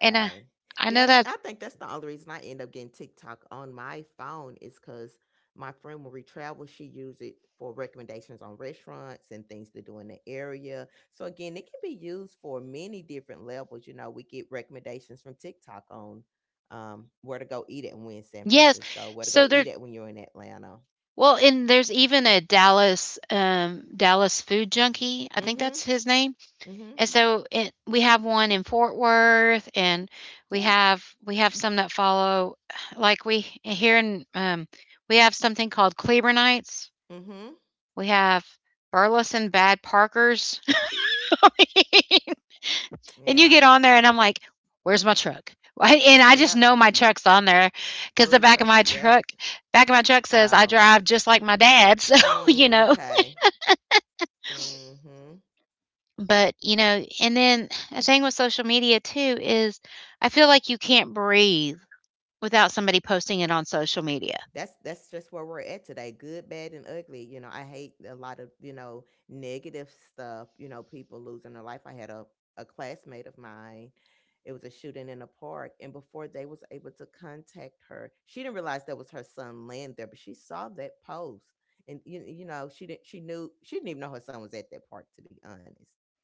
[SPEAKER 1] and I
[SPEAKER 2] Yeah,
[SPEAKER 1] know
[SPEAKER 2] and I
[SPEAKER 1] that's
[SPEAKER 2] think that's the only reason I end up getting TikTok on my phone is because my friend when we travel, she uses it for recommendations on restaurants and things to do in the area. So again, it can be used for many different levels. You know, we get recommendations from TikTok on where to go eat at when we're in San
[SPEAKER 1] yes,
[SPEAKER 2] Francisco, where to go
[SPEAKER 1] so
[SPEAKER 2] eat
[SPEAKER 1] there
[SPEAKER 2] at when you're in Atlanta.
[SPEAKER 1] well, and there's even a Dallas, Dallas Food Junkie, I think
[SPEAKER 2] Mm-hmm.
[SPEAKER 1] that's his name,
[SPEAKER 2] Mm-hmm.
[SPEAKER 1] and so it we have one in Fort Worth, and
[SPEAKER 2] Yeah.
[SPEAKER 1] we have some that follow like, we here in, we have something called Cleburnites,
[SPEAKER 2] Mm-hmm.
[SPEAKER 1] we have Burleson Bad Parkers. <laughs> And
[SPEAKER 2] Yeah.
[SPEAKER 1] you get on there, and I'm like, "Where's my truck?" <laughs> And I
[SPEAKER 2] Yep.
[SPEAKER 1] just know my truck's on there because
[SPEAKER 2] Food
[SPEAKER 1] the back of
[SPEAKER 2] trucks.
[SPEAKER 1] my
[SPEAKER 2] Yep.
[SPEAKER 1] truck, back of my truck says I
[SPEAKER 2] Oh.
[SPEAKER 1] drive just like my dad. <laughs> So you
[SPEAKER 2] Mm,
[SPEAKER 1] know,
[SPEAKER 2] okay. Mhm.
[SPEAKER 1] but you know, and then a thing with social media too is I feel like you can't breathe without somebody posting it on social media,
[SPEAKER 2] That's just where we're at today. Good, bad, and ugly. You know, I hate a lot of you know negative stuff. You know, people losing their life. I had a classmate of mine. It was a shooting in a park, and before they was able to contact her, she didn't realize that was her son laying there. But she saw that post, and you know she didn't. She knew she didn't even know her son was at that park. To be honest,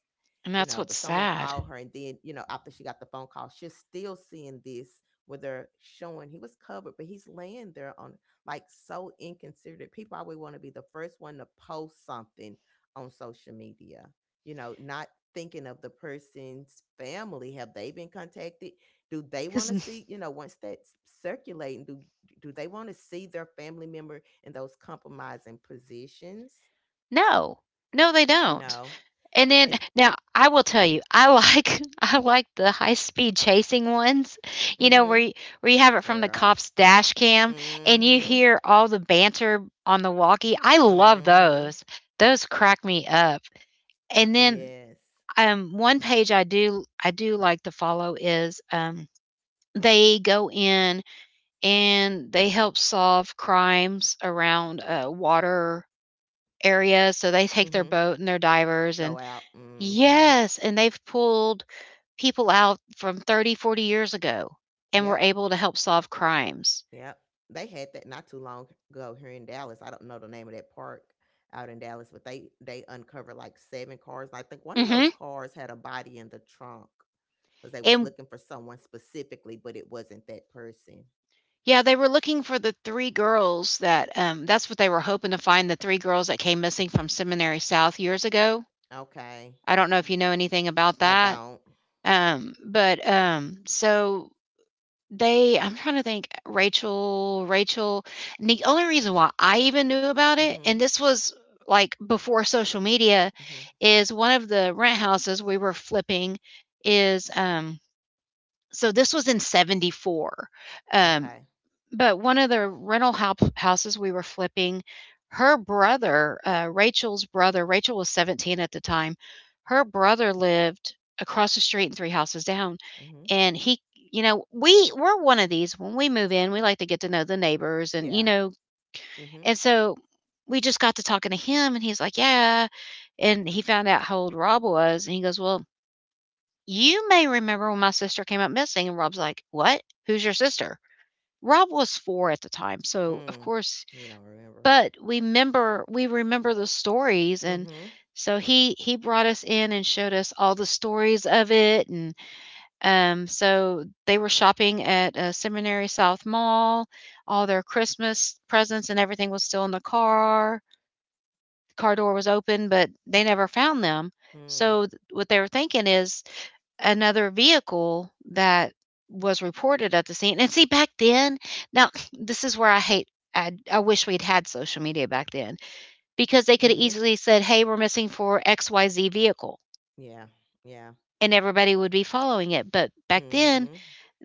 [SPEAKER 2] you know, but
[SPEAKER 1] and that's
[SPEAKER 2] someone
[SPEAKER 1] what's
[SPEAKER 2] called her and
[SPEAKER 1] sad.
[SPEAKER 2] then, you know, after she got the phone call, she's still seeing this where they're showing he was covered, but he's laying there on like so inconsiderate. People always want to be the first one to post something on social media, you know, not thinking of the person's family. Have they been contacted? Do they want to see,
[SPEAKER 1] Because
[SPEAKER 2] you know, once that's circulating, do they want to see their family member in those compromising positions?
[SPEAKER 1] no, no, they
[SPEAKER 2] You know?
[SPEAKER 1] don't. And
[SPEAKER 2] And
[SPEAKER 1] then now I will tell you, I like <laughs> I like the high speed chasing ones,
[SPEAKER 2] mm-hmm.
[SPEAKER 1] you know, where you have it from the
[SPEAKER 2] Girl.
[SPEAKER 1] cop's dash cam and you
[SPEAKER 2] Mhm.
[SPEAKER 1] hear all the banter on the walkie. I love
[SPEAKER 2] Mhm.
[SPEAKER 1] those. Those crack me up. And then
[SPEAKER 2] Yes.
[SPEAKER 1] one page I do like to follow is they go in and they help solve crimes around water areas. So they take their
[SPEAKER 2] Mhm.
[SPEAKER 1] boat and their divers
[SPEAKER 2] Go
[SPEAKER 1] and.
[SPEAKER 2] out. Mhm.
[SPEAKER 1] Yes, and they've pulled people out from 30, 40 years ago and
[SPEAKER 2] Yep.
[SPEAKER 1] were able to help solve crimes.
[SPEAKER 2] Yep. They had that not too long ago here in Dallas. I don't know the name of that park out in Dallas, but they uncovered like seven cars. I think one of those
[SPEAKER 1] Mhm.
[SPEAKER 2] cars had a body in the trunk because they was
[SPEAKER 1] And
[SPEAKER 2] looking for someone specifically, but it wasn't that person.
[SPEAKER 1] yeah, they were looking for the 3 girls that, that's what they were hoping to find, the 3 girls that came missing from Seminary South years ago.
[SPEAKER 2] Okay.
[SPEAKER 1] I don't know if you know anything about
[SPEAKER 2] I
[SPEAKER 1] that.
[SPEAKER 2] don't.
[SPEAKER 1] But, so They I'm trying to think, Rachel and the only reason why I even knew about it,
[SPEAKER 2] Mhm.
[SPEAKER 1] and this was, like, before social media,
[SPEAKER 2] Mhm.
[SPEAKER 1] is one of the rent houses we were flipping is, um so this was in '74, um,
[SPEAKER 2] Okay.
[SPEAKER 1] but one of the rental hop houses we were flipping, her brother, Rachel's brother. Rachel was 17 at the time, her brother lived across the street and 3 houses down.
[SPEAKER 2] Mhm.
[SPEAKER 1] And he you know, we're one of these. When we move in, we like to get to know the neighbors and
[SPEAKER 2] Yeah.
[SPEAKER 1] you know,
[SPEAKER 2] Mhm.
[SPEAKER 1] and so we just got to talking to him and he's like, "Yeah." And he found out how old Rob was and he goes, "Well, you may remember when my sister came up missing." And Rob's like, "What? Who's your sister?" Rob was 4 at the time. So, of
[SPEAKER 2] Mm.
[SPEAKER 1] course,
[SPEAKER 2] You don't remember.
[SPEAKER 1] but we remember the stories. And
[SPEAKER 2] Mhm.
[SPEAKER 1] so he brought us in and showed us all the stories of it. And so they were shopping at Seminary South Mall. All their Christmas presents and everything was still in the car. The car door was open, but they never found them.
[SPEAKER 2] Mm.
[SPEAKER 1] So what they were thinking is another vehicle that was reported at the scene. And see, back then, now <laughs> <sniffs> this is where I hate. I wish we'd had social media back then
[SPEAKER 2] Mhm.
[SPEAKER 1] because they could have easily said, "Hey, we're missing for XYZ vehicle,"
[SPEAKER 2] Yeah. Yeah.
[SPEAKER 1] and everybody would be following it. But back
[SPEAKER 2] Mhm.
[SPEAKER 1] then,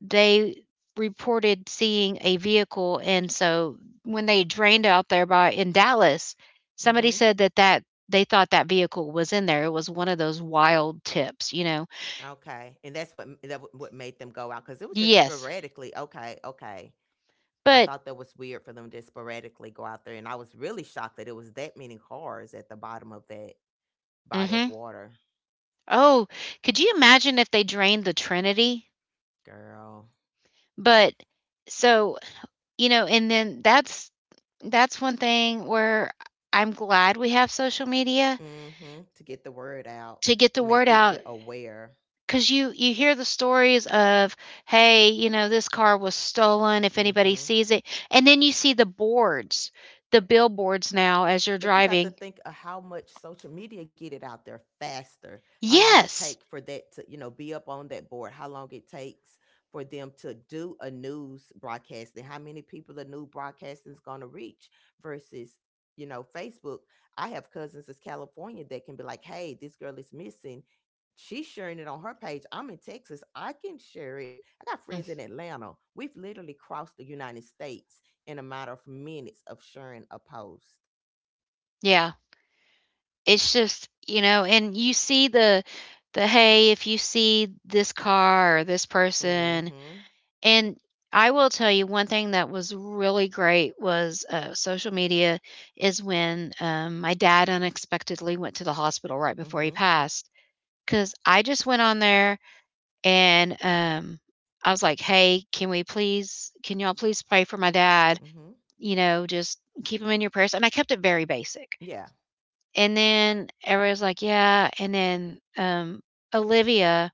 [SPEAKER 1] they reported seeing a vehicle, and so when they drained out there by in Dallas,
[SPEAKER 2] Mhm.
[SPEAKER 1] somebody said that they thought that vehicle was in there. It was one of those wild tips, you know.
[SPEAKER 2] Okay. And that's what what made them go out cuz it was just
[SPEAKER 1] Yes,
[SPEAKER 2] sporadically. Okay. Okay. I thought
[SPEAKER 1] but
[SPEAKER 2] that was weird for them to sporadically go out there and I was really shocked that it was that many cars at the bottom of that body of
[SPEAKER 1] mhm.
[SPEAKER 2] water.
[SPEAKER 1] Oh, could you imagine if they drained the Trinity?
[SPEAKER 2] Girl.
[SPEAKER 1] But so, you know, and then that's one thing where I'm glad we have social media
[SPEAKER 2] Mhm. To get the word out,
[SPEAKER 1] to
[SPEAKER 2] to
[SPEAKER 1] get the
[SPEAKER 2] make
[SPEAKER 1] word
[SPEAKER 2] people
[SPEAKER 1] out,
[SPEAKER 2] aware.
[SPEAKER 1] because you hear the stories of, hey, you know, this car was stolen, if
[SPEAKER 2] Mm-hmm.
[SPEAKER 1] anybody sees it. And then you see the boards, the billboards now as you're
[SPEAKER 2] But you got to
[SPEAKER 1] driving.
[SPEAKER 2] think of how much social media get it out there faster. How long it take
[SPEAKER 1] Yes.
[SPEAKER 2] for that to, you know, be up on that board. How long it takes for them to do a news broadcast and how many people a new broadcasting is going to reach versus, you know, Facebook. I have cousins in California that can be like, "Hey, this girl is missing." She's sharing it on her page. I'm in Texas. I can share it. I got friends in
[SPEAKER 1] Mm,
[SPEAKER 2] Atlanta. We've literally crossed the United States in a matter of minutes of sharing a post.
[SPEAKER 1] yeah, it's just, you know, and you see the, hey, if you see this car or this person.
[SPEAKER 2] Mhm.
[SPEAKER 1] And I will tell you one thing that was really great was, social media, is when my dad unexpectedly went to the hospital right
[SPEAKER 2] Mhm.
[SPEAKER 1] before he passed. 'Cause I just went on there and, I was like, "Hey, can we please, can y'all please pray for my dad?
[SPEAKER 2] Mhm.
[SPEAKER 1] You know, just keep him in your prayers." And I kept it very basic.
[SPEAKER 2] Yeah.
[SPEAKER 1] And then everybody's like, "Yeah," and then, Olivia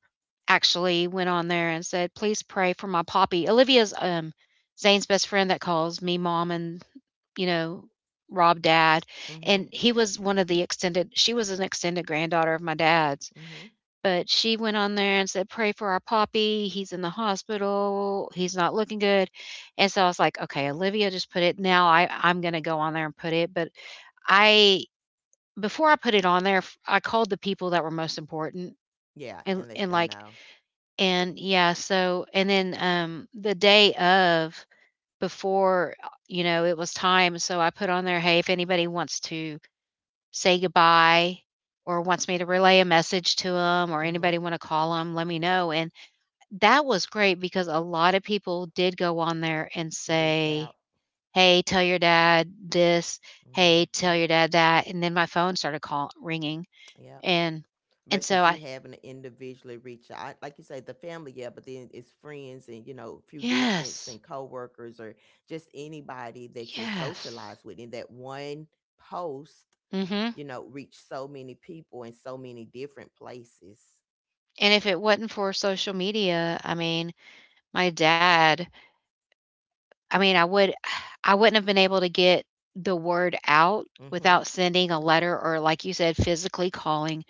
[SPEAKER 1] actually went on there and said, "Please pray for my Poppy." Olivia's, Zane's best friend that calls me mom and, you know, Rob dad,
[SPEAKER 2] Mhm.
[SPEAKER 1] and he was one of the extended, she was an extended granddaughter of my dad's.
[SPEAKER 2] Mhm.
[SPEAKER 1] But she went on there and said, "Pray for our Poppy. He's in the hospital. He's not looking good." And so I was like, "Okay, Olivia just put it. Now I'm gonna go on there and put it." But I before I put it on there, I called the people that were most important,
[SPEAKER 2] Yeah, and
[SPEAKER 1] and
[SPEAKER 2] let them
[SPEAKER 1] and like
[SPEAKER 2] know.
[SPEAKER 1] and yeah. So and then the day of, before, you know, it was time, so I put on there, "Hey, if anybody wants to say goodbye," or wants me to relay a message to them, or
[SPEAKER 2] Mhm.
[SPEAKER 1] anybody want to call them, let me know. And that was great because a lot of people did go on there and
[SPEAKER 2] Reach out.
[SPEAKER 1] say, "Hey, tell your dad this. Hey,
[SPEAKER 2] Mhm.
[SPEAKER 1] tell your dad that," and then my phone started call ringing,
[SPEAKER 2] Yep.
[SPEAKER 1] and and
[SPEAKER 2] Versus you
[SPEAKER 1] so I
[SPEAKER 2] having to individually reach out, like you say, the family, yeah, but then it's friends and you know, few distance and
[SPEAKER 1] yes,
[SPEAKER 2] coworkers or just anybody that you're socialized
[SPEAKER 1] yes.
[SPEAKER 2] with. And that one post, you
[SPEAKER 1] Mhm.
[SPEAKER 2] know, reach so many people in so many different places.
[SPEAKER 1] And if it wasn't for social media, I mean, my dad I mean, I would <sighs> I wouldn't have been able to get the word out
[SPEAKER 2] Mhm.
[SPEAKER 1] without sending a letter or, like you said, physically calling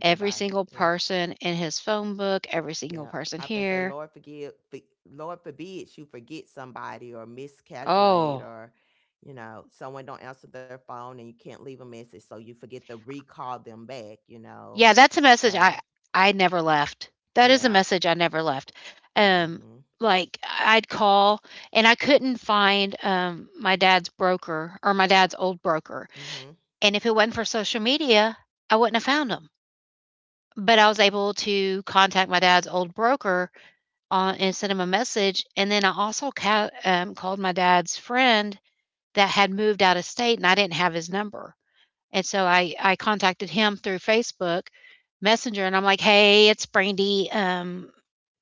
[SPEAKER 1] every single
[SPEAKER 2] Yep.
[SPEAKER 1] person in his phone book, every
[SPEAKER 2] Yeah,
[SPEAKER 1] single
[SPEAKER 2] I've
[SPEAKER 1] person
[SPEAKER 2] been say, Lord
[SPEAKER 1] here.
[SPEAKER 2] forgive, for, Lord forbids you forget somebody or miscalculate
[SPEAKER 1] Oh,
[SPEAKER 2] or, you know, someone don't answer their phone and you can't leave a message. So
[SPEAKER 1] yeah, that's a message I never left. That is a message I never left. Um, like I'd call and I couldn't find my dad's broker, or my dad's old broker. And if it wasn't for social media, I wouldn't have found him. But I was able to contact my dad's old broker, and send him a message. And then I also called my dad's friend that had moved out of state and I didn't have his number. And so I contacted him through Facebook Messenger and I'm like, "Hey, it's Brandy.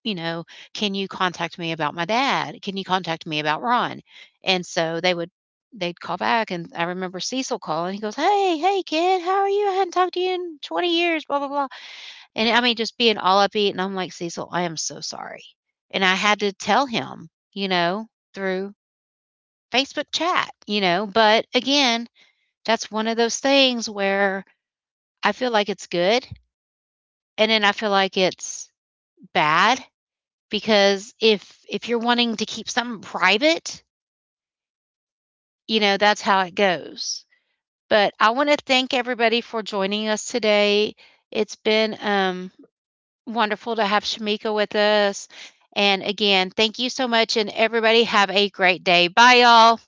[SPEAKER 1] You know, can you contact me about my dad? Can you contact me about Ron?" And so they'd call back. And I remember Cecil calling. He goes, "Hey, hey kid, how are you? I hadn't talked to you in 20 years, blah blah blah." And I mean, just being all upbeat, and I'm like, "Cecil, I am so sorry." And I had to tell him, you know, through Facebook chat, you know? But again, that's one of those things where I feel like it's good, and then I feel like it's bad, because if you're wanting to keep something private, you know, that's how it goes. But I want to thank everybody for joining us today. It's been, wonderful to have Shamika with us. And again, thank you so much. And everybody have a great day. Bye, y'all.